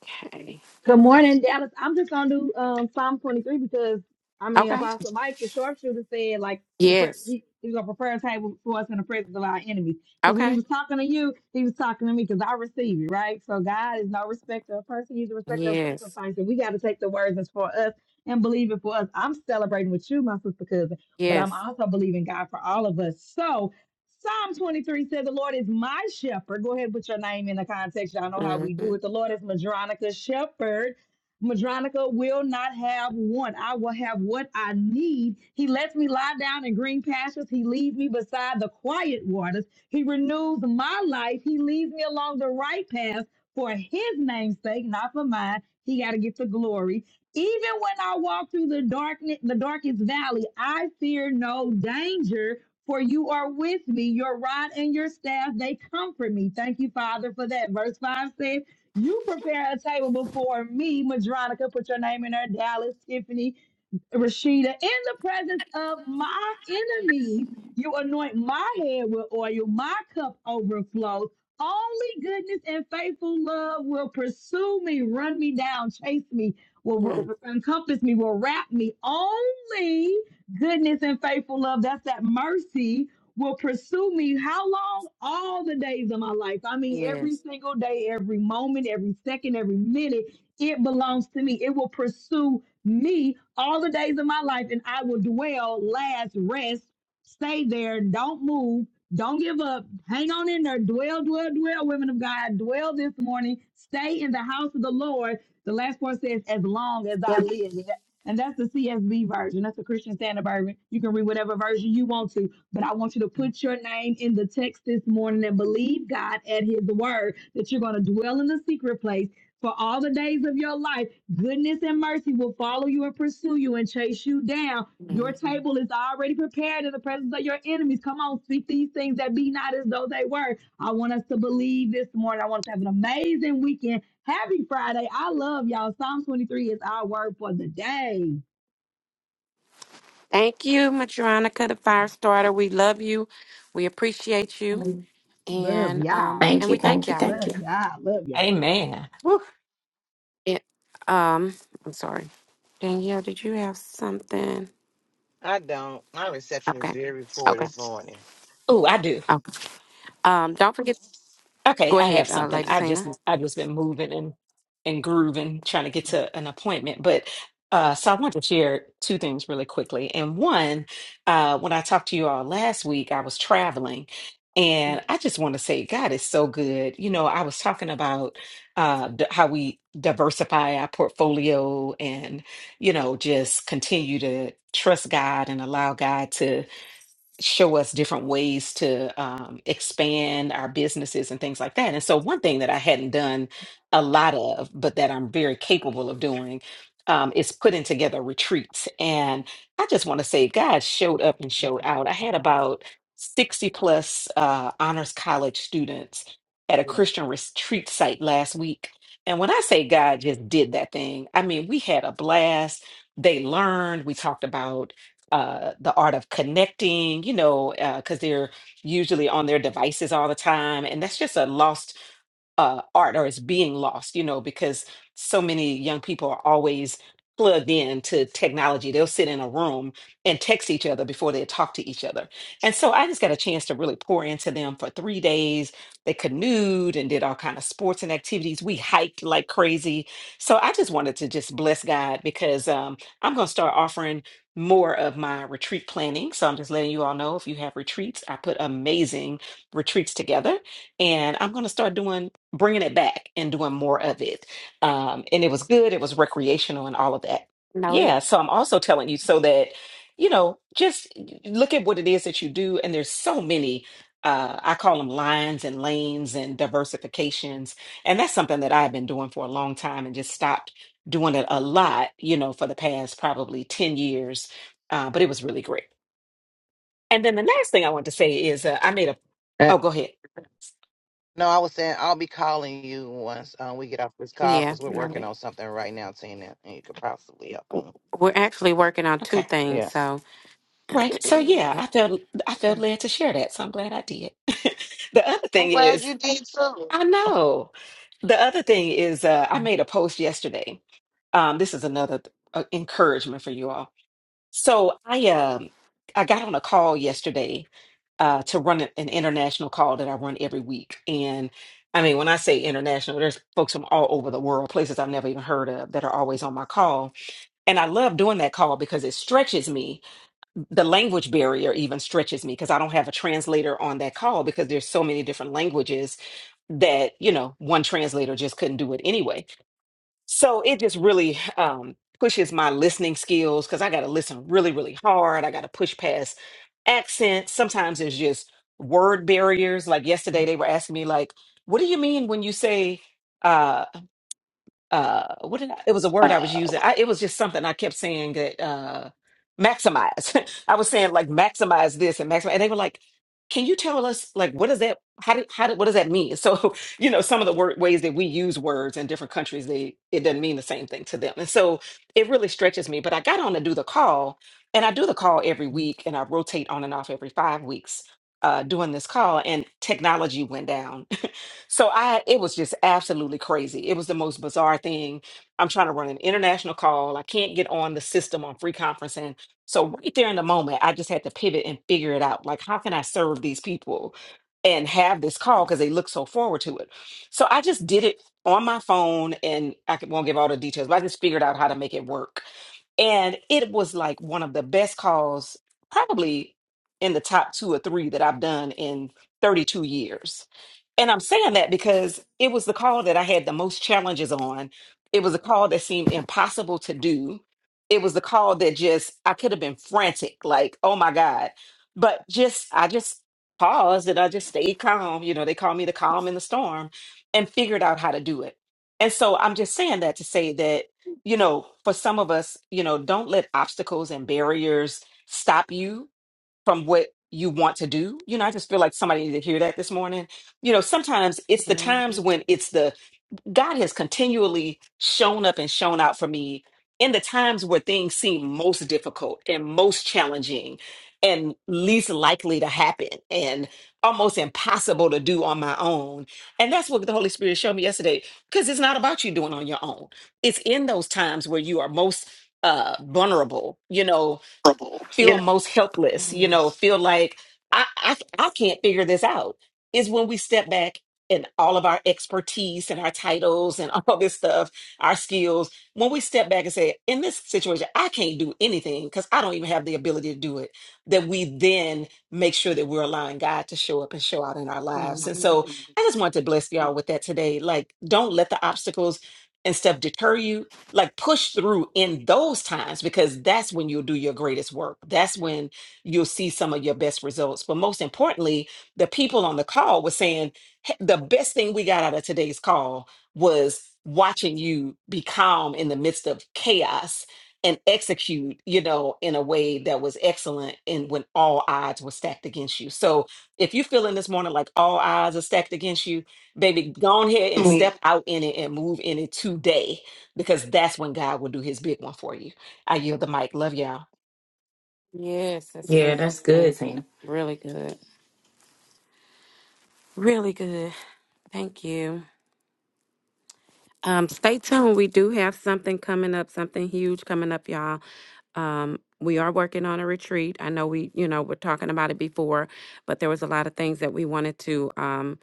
C: Okay.
I: Good morning, Dallas. I'm just gonna do um Psalm 23 because I mean
C: Okay.
I: Apostle Mike, the sharpshooter, said like the pre-
C: Yes.
I: he, he was gonna prepare a table for us in the presence of our enemies. Because when he
C: Okay.
I: was talking to you, he was talking to me because I receive it, right? So God is no respecter of person; He's a respecter of
C: Yes.
I: sacrifice, and we got to take the words that's for us and believe it for us. I'm celebrating with you, my sister cousin, but I'm
C: Yes.
I: also believing God for all of us. So Psalm 23 says, The Lord is my shepherd. Go ahead, put your name in the context. Y'all know how we
C: Mm-hmm.
I: do it. The Lord is Madronica's shepherd. Madronica will not have want. I will have what I need. He lets me lie down in green pastures. He leads me beside the quiet waters. He renews my life. He leads me along the right path for his name's sake, not for mine. He got to get the glory. Even when I walk through the darkness, the darkest valley, I fear no danger for you are with me, your rod and your staff, they comfort me. Thank you, Father, for that. Verse 5 says, You prepare a table before me. Madronica, put your name in there. Dallas, Tiffany, Rashida, in the presence of my enemies, you anoint my head with oil, my cup overflows. Only goodness and faithful love will pursue me, run me down, chase me, will
C: Mm-hmm.
I: r- r- encompass me, will wrap me. Only goodness and faithful love, that's that mercy, will pursue me. How long? All the days of my life. I mean, every
C: Yes.
I: single day, every moment, every second, every minute, it belongs to me. It will pursue me all the days of my life, and I will dwell, last, rest, stay there, don't move, don't give up, hang on in there, dwell, dwell, dwell, women of God, dwell this morning, stay in the house of the Lord. The last part says, as long as I live. And that- and that's the CSB version. That's the Christian Standard Version. You can read whatever version you want to, but I want you to put your name in the text this morning and believe God at His word that you're going to dwell in the secret place for all the days of your life. Goodness and mercy will follow you and pursue you and chase you down. Your
C: Mhm.
I: table is already prepared in the presence of your enemies. Come on, speak these things that be not as though they were. I want us to believe this morning. I want us to have an amazing weekend. Happy Friday. I love y'all. Psalm 23 is our word for the day.
C: Thank you, Madronica, the fire starter. We love you. We appreciate you.
I: Love
C: and
I: y'all.
C: um
B: Thank
C: and
B: you,
C: we thank
B: thank you,
C: y'all.
B: thank
I: Love
B: you.
I: y'all. Love y'all.
G: Amen. Woo.
C: It um I'm sorry. Danielle, did you have something? Okay. Okay.
G: Ooh, I do.
C: Okay. Um don't forget
G: Okay,
C: go
G: I have
C: ahead, uh
G: something.
C: Lady
G: I
C: Tina.
G: just I've just been moving and and grooving, trying to get to an appointment. But uh, so I want to share two things really quickly. And one, uh, when I talked to you all last week, I was traveling, and I just want to say God is so good. You know, I was talking about uh, d- how we diversify our portfolio and you know just continue to trust God and allow God to show us different ways to um, expand our businesses and things like that. And so, one thing that I hadn't done a lot of, but that I'm very capable of doing, um, is putting together retreats. And I just want to say, God showed up and showed out. I had about 60 plus uh, honors college students at a Christian retreat site last week. And when I say God just did that thing, I mean, we had a blast. They learned. We talked about uh, the art of connecting, you know, because they're usually on their devices all the time. And that's just a lost uh, art or it's being lost, you know, because so many young people are always plugged in to technology. They'll sit in a room and text each other before they talk to each other. And so I just got a chance to really pour into them for three days. They canoed and did all kind of sports and activities. We hiked like crazy. So I just wanted to just bless God because um, I'm going to start offering more of my retreat planning. So I'm just letting you all know if you have retreats, I put amazing retreats together and I'm going to start doing bringing it back and doing more of it. Um, and it was good, it was recreational and all of that.
C: Noted.
G: Yeah, so I'm also telling you so that, you know, just look at what it is that you do. And there's so many, uh, I call them lines and lanes and diversifications. And that's something that I've been doing for a long time and just stopped doing it a lot, you know, for the past probably 10 years. Uh, but it was really great. And then the last thing I want to say is uh, I made a,
D: Eh,
G: oh, go ahead.
D: No, I was saying I'll be calling you once um, we get off this call
C: Yeah,
D: because we're working
C: noted.
D: on something right now, Tina, and you could possibly help me.
C: We're actually working on two
G: Okay.
C: things,
D: Yes.
C: so
G: Right. So
C: [CLEARS THROAT]
G: yeah,
C: yep.
G: I felt I felt
D: Okay.
G: led to share that, so I'm glad I did. [LAUGHS] The other
D: I'm
G: thing
D: glad
G: is,
D: you did too.
G: I know. The other thing is, uh, I made a post yesterday. Um, this is another uh, encouragement for you all. So I um I got on a call yesterday uh, to run an an international call that I run every week, and I mean when I say international, there's folks from all over the world, places I've never even heard of that are always on my call, and I love doing that call because it stretches me the language barrier even stretches me because I don't have a translator on that call because there's so many different languages that, you know, one translator just couldn't do it anyway. So it just really um, pushes my listening skills because I got to listen really, really hard. I got to push past accents. Sometimes there's just word barriers. Like yesterday, they were asking me, like, what do you mean when you say, uh, uh what did I, it was a word I was
C: Uh
G: using. I, it was just something I kept saying that uh maximize. [LAUGHS] I was saying like maximize this and maximize and they were like, "Can you tell us like what does that how did how did what does that mean?" So, [LAUGHS] you know, some of the word ways that we use words in different countries, they it doesn't mean the same thing to them. And so it really stretches me, but I got on to do the call and I do the call every week and I rotate on and off every 5 weeks. Uh, doing this call and technology went down [LAUGHS] So I it was just absolutely crazy. It was the most bizarre thing. I'm trying to run an international call. I can't get on the system on free conferencing. So right there in the moment, I just had to pivot and figure it out. Like, how can I serve these people and have this call because they look so forward to it? So I just did it on my phone and I could- won't give all the details, but I just figured out how to make it work. And it was like one of the best calls, probably in the top two or three that I've done in 32 years. And I'm saying that because it was the call that I had the most challenges on. It was a call that seemed impossible to do. It was the call that just, I could have been frantic, like, oh my God. But just, I just paused and I just stayed calm. You know, they call me the calm in the storm and figured out how to do it. And so I'm just saying that to say that you know, for some of us, you know, don't let obstacles and barriers stop you from what you want to do. You know, I just feel like somebody needed to hear that this morning. You know, sometimes it's the
C: Mhm.
G: times when it's the God has continually shown up and shown out for me in the times where things seem most difficult and most challenging and least likely to happen and almost impossible to do on my own. And that's what the Holy Spirit showed me yesterday because it's not about you doing on your own. It's in those times where you are most uh vulnerable, you know,
C: trouble, you
G: feel
C: know.
G: most helpless, you know, feel like I, I, I can't figure this out, is when we step back and all of our expertise and our titles and [LAUGHS] all this stuff, our skills, when we step back and say, in this situation, I can't do anything because I don't even have the ability to do it, that we then make sure that we're allowing God to show up and show out in our lives. And
C: Mhm.
G: so I just wanted to bless y'all with that today. Like, don't let the obstacles and stuff deter you like push through in those times because that's when you'll do your greatest work. That's when you'll see some of your best results. But most importantly, the people on the call were saying "Hey, the best thing we got out of today's call was watching you be calm in the midst of chaos and execute, you know, in a way that was excellent and when all odds were stacked against you. So if you're feeling this morning like all odds are stacked against you, baby, go on here and
C: Mm.
G: step out in it and move in it today because that's when God will do his big one for you. I yield the mic. Love y'all.
C: Yes, that's good.
B: Yeah, that's
C: Tina.
B: good, Zena.
C: Really good. Really good. Thank you. Um, stay tuned. We do have something coming up, something huge coming up, y'all. Um, we are working on a retreat. I know we, you know, we're talking about it before, but there was a lot of things that we wanted to um,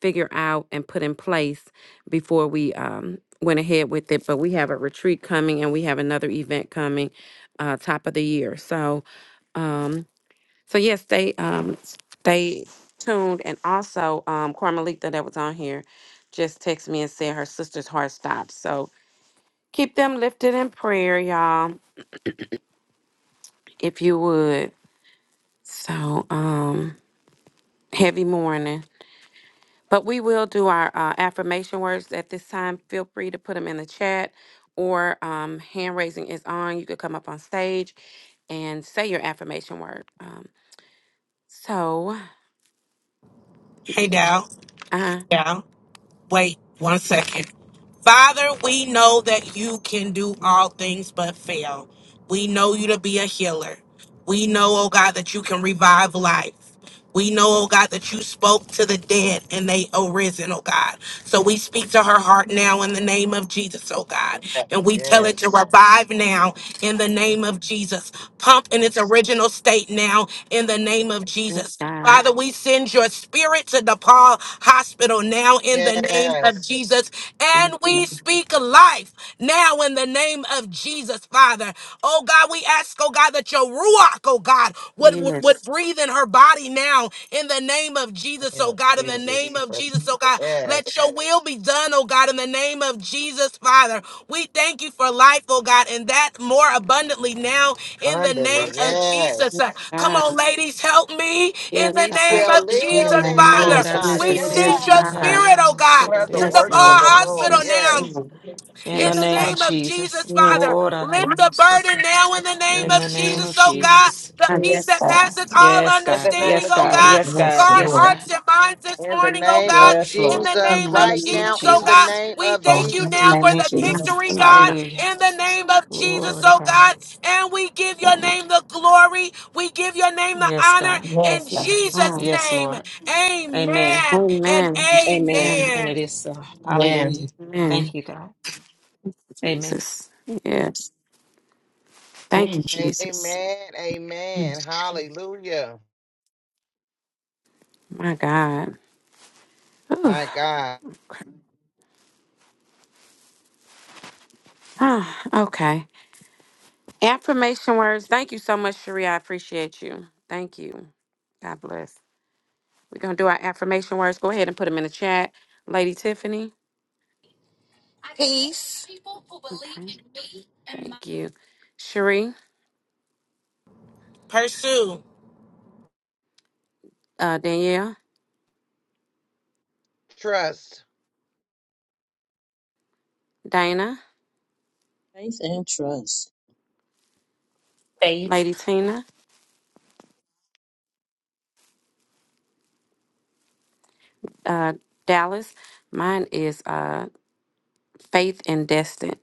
C: figure out and put in place before we um, went ahead with it. But we have a retreat coming, and we have another event coming, uh, top of the yeyear. So, um, so yes, stay um, stay tuned. And also, um, Carmelita that was on here just texted me and said her sister's heart stopped. So keep them lifted in prayer, y'all, if you would. So, um, heavy morning. But we will do our uh, affirmation words at this time. Feel free to put them in the chat or um, hand raising is on. You could come up on stage and say your affirmation word. Um, so,
L: Hey,
C: yes,
L: Dow.
C: uh,
L: Dow. Wait one second. Father, we know that you can do all things but fail. We know you to be a healer. We know, oh God, that you can revive life. We know, oh God, that you spoke to the dead and they arisen, oh God. So we speak to her heart now in the name of Jesus, oh God.
D: Yes.
L: And we tell it to
D: Yes.
L: revive now in the name of Jesus. Pump in its
D: Yes.
L: original state now in the name of
C: yes,
L: Jesus.
C: God.
L: Father, we send your spirit to DePaul Hospital now in the name of
D: Yes.
L: Jesus
C: Thank
L: and we
C: you.
L: speak life now in the name of Jesus, Father. Oh God, we ask, oh God, that your Ruach, oh God, would, would, would
C: Yes,
L: breathe in her body now in the name of
D: In the
L: Jesus,
D: name
L: oh
D: of
L: God, in the name
D: Jesus.
L: of
D: fresh-
L: Jesus, oh God. Let
D: Yes.
L: your will be done, oh God, in the name of Jesus, Father. We thank you for life, oh God, and that more abundantly now in the name
D: Abundantly.
L: of Jesus. Uh,
D: Yes.
L: Come
C: God.
L: on, ladies, help me in
C: Yes,
L: the
D: He
C: God.
L: name
D: shall
L: of
B: In the
D: live
L: Jesus,
B: name
D: and
B: of
C: Name
D: not
C: of
L: Father.
D: die.
B: Jesus.
L: We
C: Jesus. Yes,
L: send
D: Yes.
L: your
C: God.
L: spirit, oh God
D: Declare the
L: to the
C: Yes,
D: works of
L: Paul
C: Lord.
D: the Lord.
L: Hospital
C: Yes,
L: now
D: Yes.
C: Lord.
G: In
L: in
G: the
B: Yes,
L: the
G: name of
B: God.
L: name of
G: Jesus.
L: Jesus,
C: Yes.
L: Father. Lift
C: Yes,
L: the burden
G: In
L: now in the name of
G: the
C: Lord
G: name
L: Jesus,
G: of
L: oh God.
G: Jesus.
C: Jesus.
L: The
C: I
L: peace
B: Yes,
L: that
C: just.
B: God.
L: passes all
G: Yes,
D: In the
G: God.
D: name
L: understanding,
G: Yes,
D: of
L: oh
G: God.
L: God.
D: Jesus.
G: Yes, God.
B: Yes,
L: Guard
G: Yes,
B: Lord.
G: God.
L: hearts and minds this
D: In the
L: morning, oh
D: name
L: God.
D: of
E: In
G: Yes,
E: the
L: In
E: name
G: Lord.
L: the
E: of
D: Jesus,
L: name
G: In
C: Yes.
L: of
G: the
E: Jesus,
D: right
G: name of
D: now,
L: Jesus, oh
D: in
E: thank
D: the
L: God.
E: you,
G: Jesus.
D: name
L: We
D: of
L: thank
B: Lord,
L: you
B: in
E: Jesus.
B: the
L: now
D: Jesus.
B: name
L: for
B: of
L: the
G: Thank you, Lord.
E: Thank
B: Jesus.
C: Yes.
L: victory,
E: you, name of
L: God,
G: Hallelujah.
L: in the name of Jesus,
G: Glory to
L: oh
G: God.
L: God. And we give your name the glory. We give your name the
G: Yes,
L: honor
G: God.
L: in
B: Yes, God.
L: Jesus'
C: Oh,
G: Yes,
L: name.
G: Lord. Amen.
L: Amen and
C: amen.
G: Amen.
C: Amen.
G: And
L: amen.
G: it is so.
B: Amen.
G: Hallelujah. Thank
C: Amen.
G: you, God. Amen.
C: Jesus. Yes. Thank you,
B: Amen.
C: Jesus.
D: Amen.
C: Mm,
D: Amen. Hallelujah.
C: My God. Whew.
D: My God.
C: Ah, okay. Affirmation words. Thank you so much, Sheree. I appreciate you. Thank you. God bless. We're going to do our affirmation words. Go ahead and put them in the chat. Lady Tiffany. Okay. Thank you. Sheree.
L: Pursue.
C: uh, Danielle,
D: Trust.
C: Dana,
E: Faith and trust.
G: Faith.
C: Lady Tina. uh, Dallas. Mine is uh, Faith and Destined.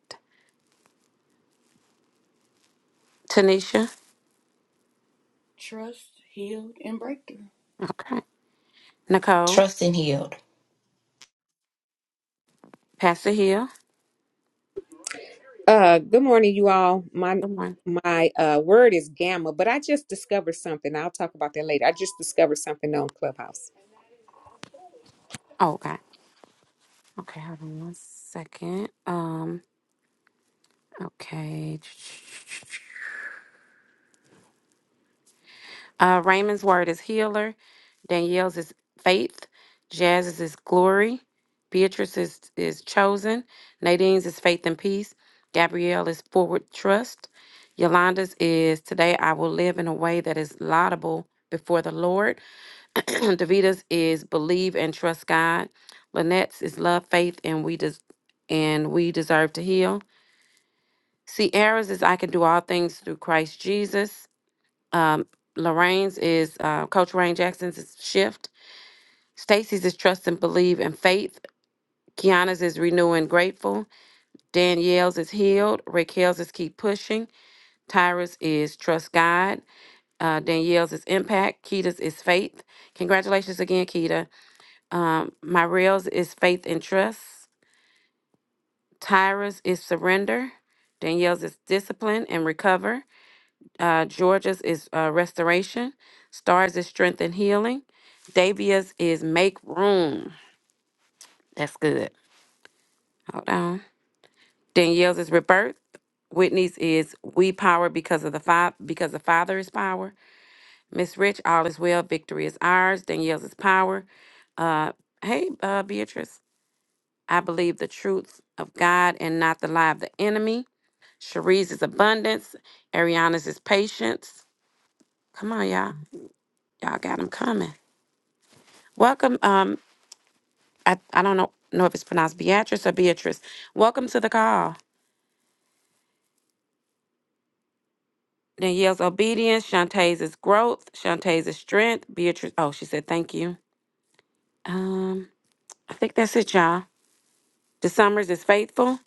C: Tanisha.
J: Trust, healed, and breakthrough.
C: Okay. Nicole.
B: Trust and healed.
C: Pastor Hill.
V: Uh, good morning, you all. My
C: Good morning.
V: my uh word is gamma, but I just discovered something. I'll talk about that later. I just discovered something on Clubhouse.
C: Oh, God. Okay, hold on one second. Um, okay. Uh, Raymond's word is healer. Danielle's is faith. Jazz's is glory. Beatrice is, is chosen. Nadine's is faith and peace. Gabrielle is forward trust. Yolanda's is today I will live in a way that is laudable before the Lord. [CLEARS THROAT] Davita's is believe and trust God. Lynette's is love, faith, and we des- and we deserve to heal. Sierra's is I can do all things through Christ Jesus. Um, Lorraine's is uh, Coach Rain Jackson's is shift. Stacy's is trust and believe and faith. Kiana's is renew and grateful. Danielle's is healed. Raquel's is keep pushing. Tyra's is trust God. Uh, Danielle's is impact. Keita's is faith. Congratulations again, Keita. Um, my reels is faith and trust. Tyra's is surrender. Danielle's is discipline and recover. Uh, Georgia's is uh, restoration. Stars is strength and healing. Davia's is make room. That's good. Hold on. Danielle's is rebirth. Whitney's is we power because of the father because the father is power. Miss Rich, all is well. Victory is ours. Danielle's is power. Uh, hey, uh, Beatrice. I believe the truth of God and not the lie of the enemy. Cherie's is abundance. Ariana's is patience. Come on, y'all. Y'all got them coming. Welcome. Um, I, I don't know, know if it's pronounced Beatrice or Beatrice. Welcome to the call. Danielle's obedience. Shantae's is growth. Shantae's is strength. Beatrice. Oh, she said thank you. Um, I think that's it, y'all. The summers is faithful.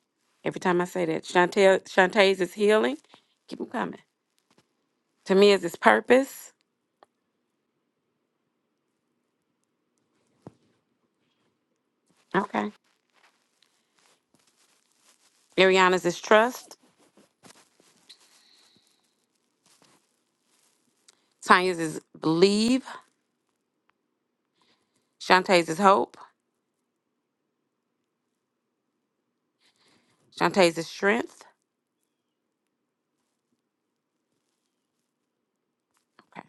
C: Every time I say that, Shantae, Shantae's is healing. Keep them coming. To is its purpose. Okay. Ariana's is trust. Tanya's is believe. Shantae's is hope. Shantae's is strength. Okay.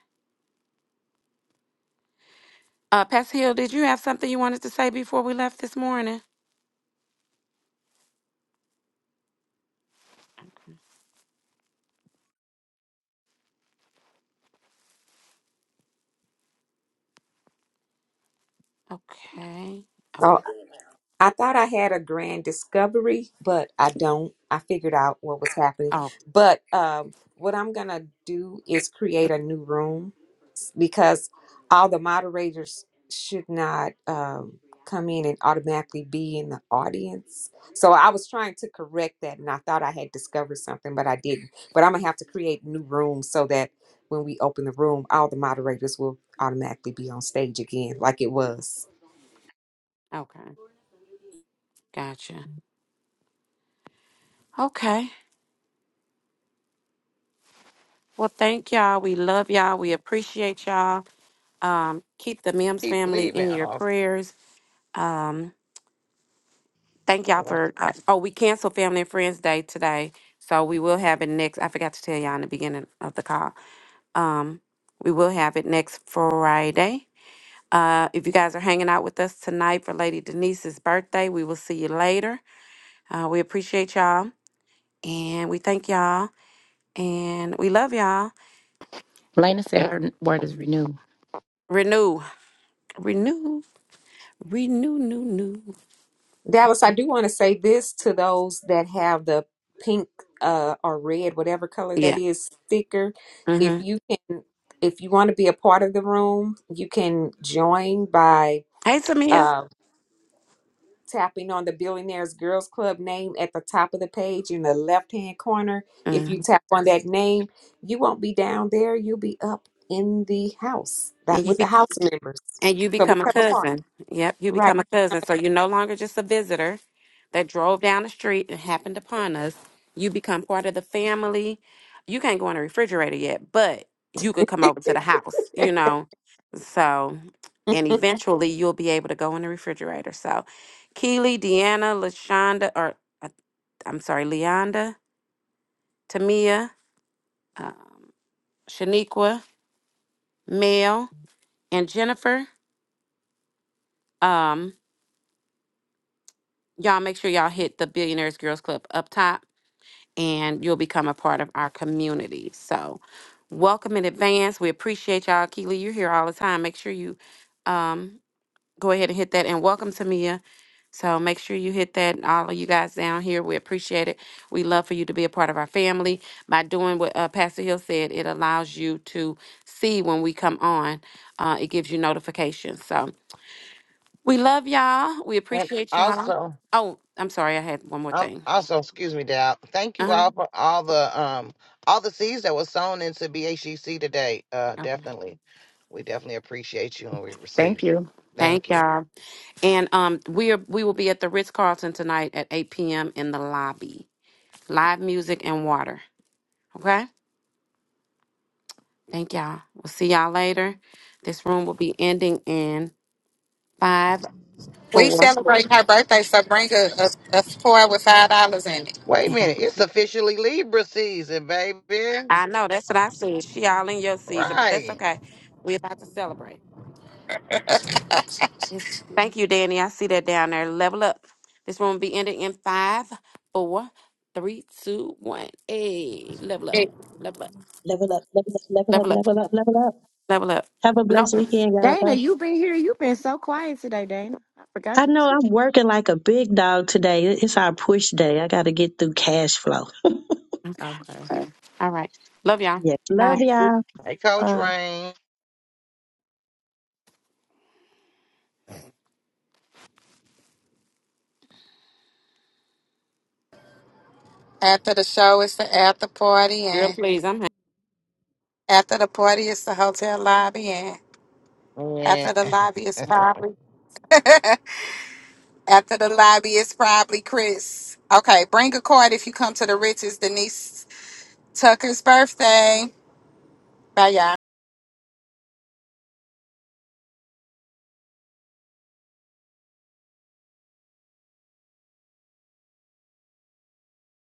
C: Uh, Pastor Hill, did you have something you wanted to say before we left this morning? Okay. Okay.
V: I thought I had a grand discovery, but I don't. I figured out what was happening.
C: Oh,
V: But um, what I'm going to do is create a new room s- because all the moderators should not um, come in and automatically be in the audience. So I was trying to correct that and I thought I had discovered something, but I didn't. But I'm going to have to create new rooms so that when we open the room, all the moderators will automatically be on stage again, like it was.
C: okay. Gotcha. Okay. Well, thank y'all. We love y'all. We appreciate y'all. Um, keep the Mims
D: Keep
C: family
D: leaving
C: in your
D: off.
C: prayers. Um, thank y'all for. Uh, oh, we canceled Family and Friends Day today, so we will have it next. I forgot to tell y'all in the beginning of the call. Um, we will have it next Friday. Uh, if you guys are hanging out with us tonight for Lady Denise's birthday, we will see you later. Uh, we appreciate y'all and we thank y'all and we love y'all.
B: Lena said her word is renewed.
C: Renew, renew, renew, new, new.
V: Dallas, I do want to say this to those that have the pink uh, or red, whatever color
C: Yeah.
V: that is, sticker. If
C: Mm-hmm.
V: you can, if you want to be a part of the room, you can join by
C: Hey, Samia.
V: uh, tapping on the Billionaires Girls Club name at the top of the page in the left hand corner. If you
C: Mm-hmm.
V: tap on that name, you won't be down there, you'll be up in the house that
C: And you
V: with the
C: be
V: house members.
C: And you
V: So
C: become a
V: become a part.
C: cousin. Yep, you become a
V: Right.
C: cousin. So you're no longer just a visitor that drove down the street and happened upon us. You become part of the family. You can't go in the refrigerator yet, but you could come over to the house, you know. So,
V: [LAUGHS]
C: and eventually you'll be able to go in the refrigerator. So, Keely, Deanna, LaShonda, or uh, I'm sorry, Leonda, Tamia, um, Shaniqua, Mel, and Jennifer. Um, Y'all make sure y'all hit the Billionaires Girls Club up top and you'll become a part of our community. So, welcome in advance. We appreciate y'all. Keely, you're here all the time. Make sure you um, go ahead and hit that. And welcome to Mia. So, make sure you hit that. All of you guys down here, we appreciate it. We love for you to be a part of our family. By doing what uh, Pastor Hill said, it allows you to see when we come on, uh, it gives you notifications. So, we love y'all. We
D: And
C: appreciate y'all.
D: also,
C: Oh, I'm sorry. I had one more
D: um,
C: thing.
D: also, excuse me, Dad. Thank you
C: Uh-huh.
D: all for all the um all the seeds that were sown into BHGC today. Uh
C: Okay.
D: definitely. We definitely appreciate you and we received.
B: Thank you.
C: Thank
D: Thank you.
C: y'all. And um, we are we will be at the Ritz Carlton tonight at 8 p.m. in the lobby. Live music and water. Okay. Thank y'all. We'll see y'all later. This room will be ending in five,
A: We
C: four.
A: celebrate her birthday, so bring a, a, a toy with $5 in
D: Wait a
C: Yeah.
D: minute, it's officially Libra season, baby.
C: I know. That's what I said. She all in your season, but that's
D: Right.
C: okay. We're about to celebrate. Yes. Thank you, Danny. I see that down there. Level up. This one will be ending in five, four, three, two, one. Hey, level up.
A: it.
C: Level up.
E: Level up, level up, level up,
C: Level up.
E: level up, level up.
C: Level up.
E: Have a
C: Nope.
E: blessed weekend, y'all.
B: Dana,
E: Bye.
B: you've been here. You've been so quiet today, Dana. I
E: I
B: forgot you
E: know
B: was here.
E: I'm working like a big dog today. It's our push day. I got to get through cash flow.
B: Okay.
C: Okay. All right. Love y'all.
E: Yes. Love
C: Bye.
E: y'all.
D: Hey, Coach
E: Bye.
D: Rain.
A: After the show, it's the after party,
C: Girl,
A: and
C: please. I'm
A: after the party, it's the hotel lobby, and after the
D: Yeah.
A: lobby
D: [LAUGHS]
A: is pro- after the lobby is probably Chris. Okay, bring a card if you come to the Riches Denise Tucker's birthday. Bye, y'all.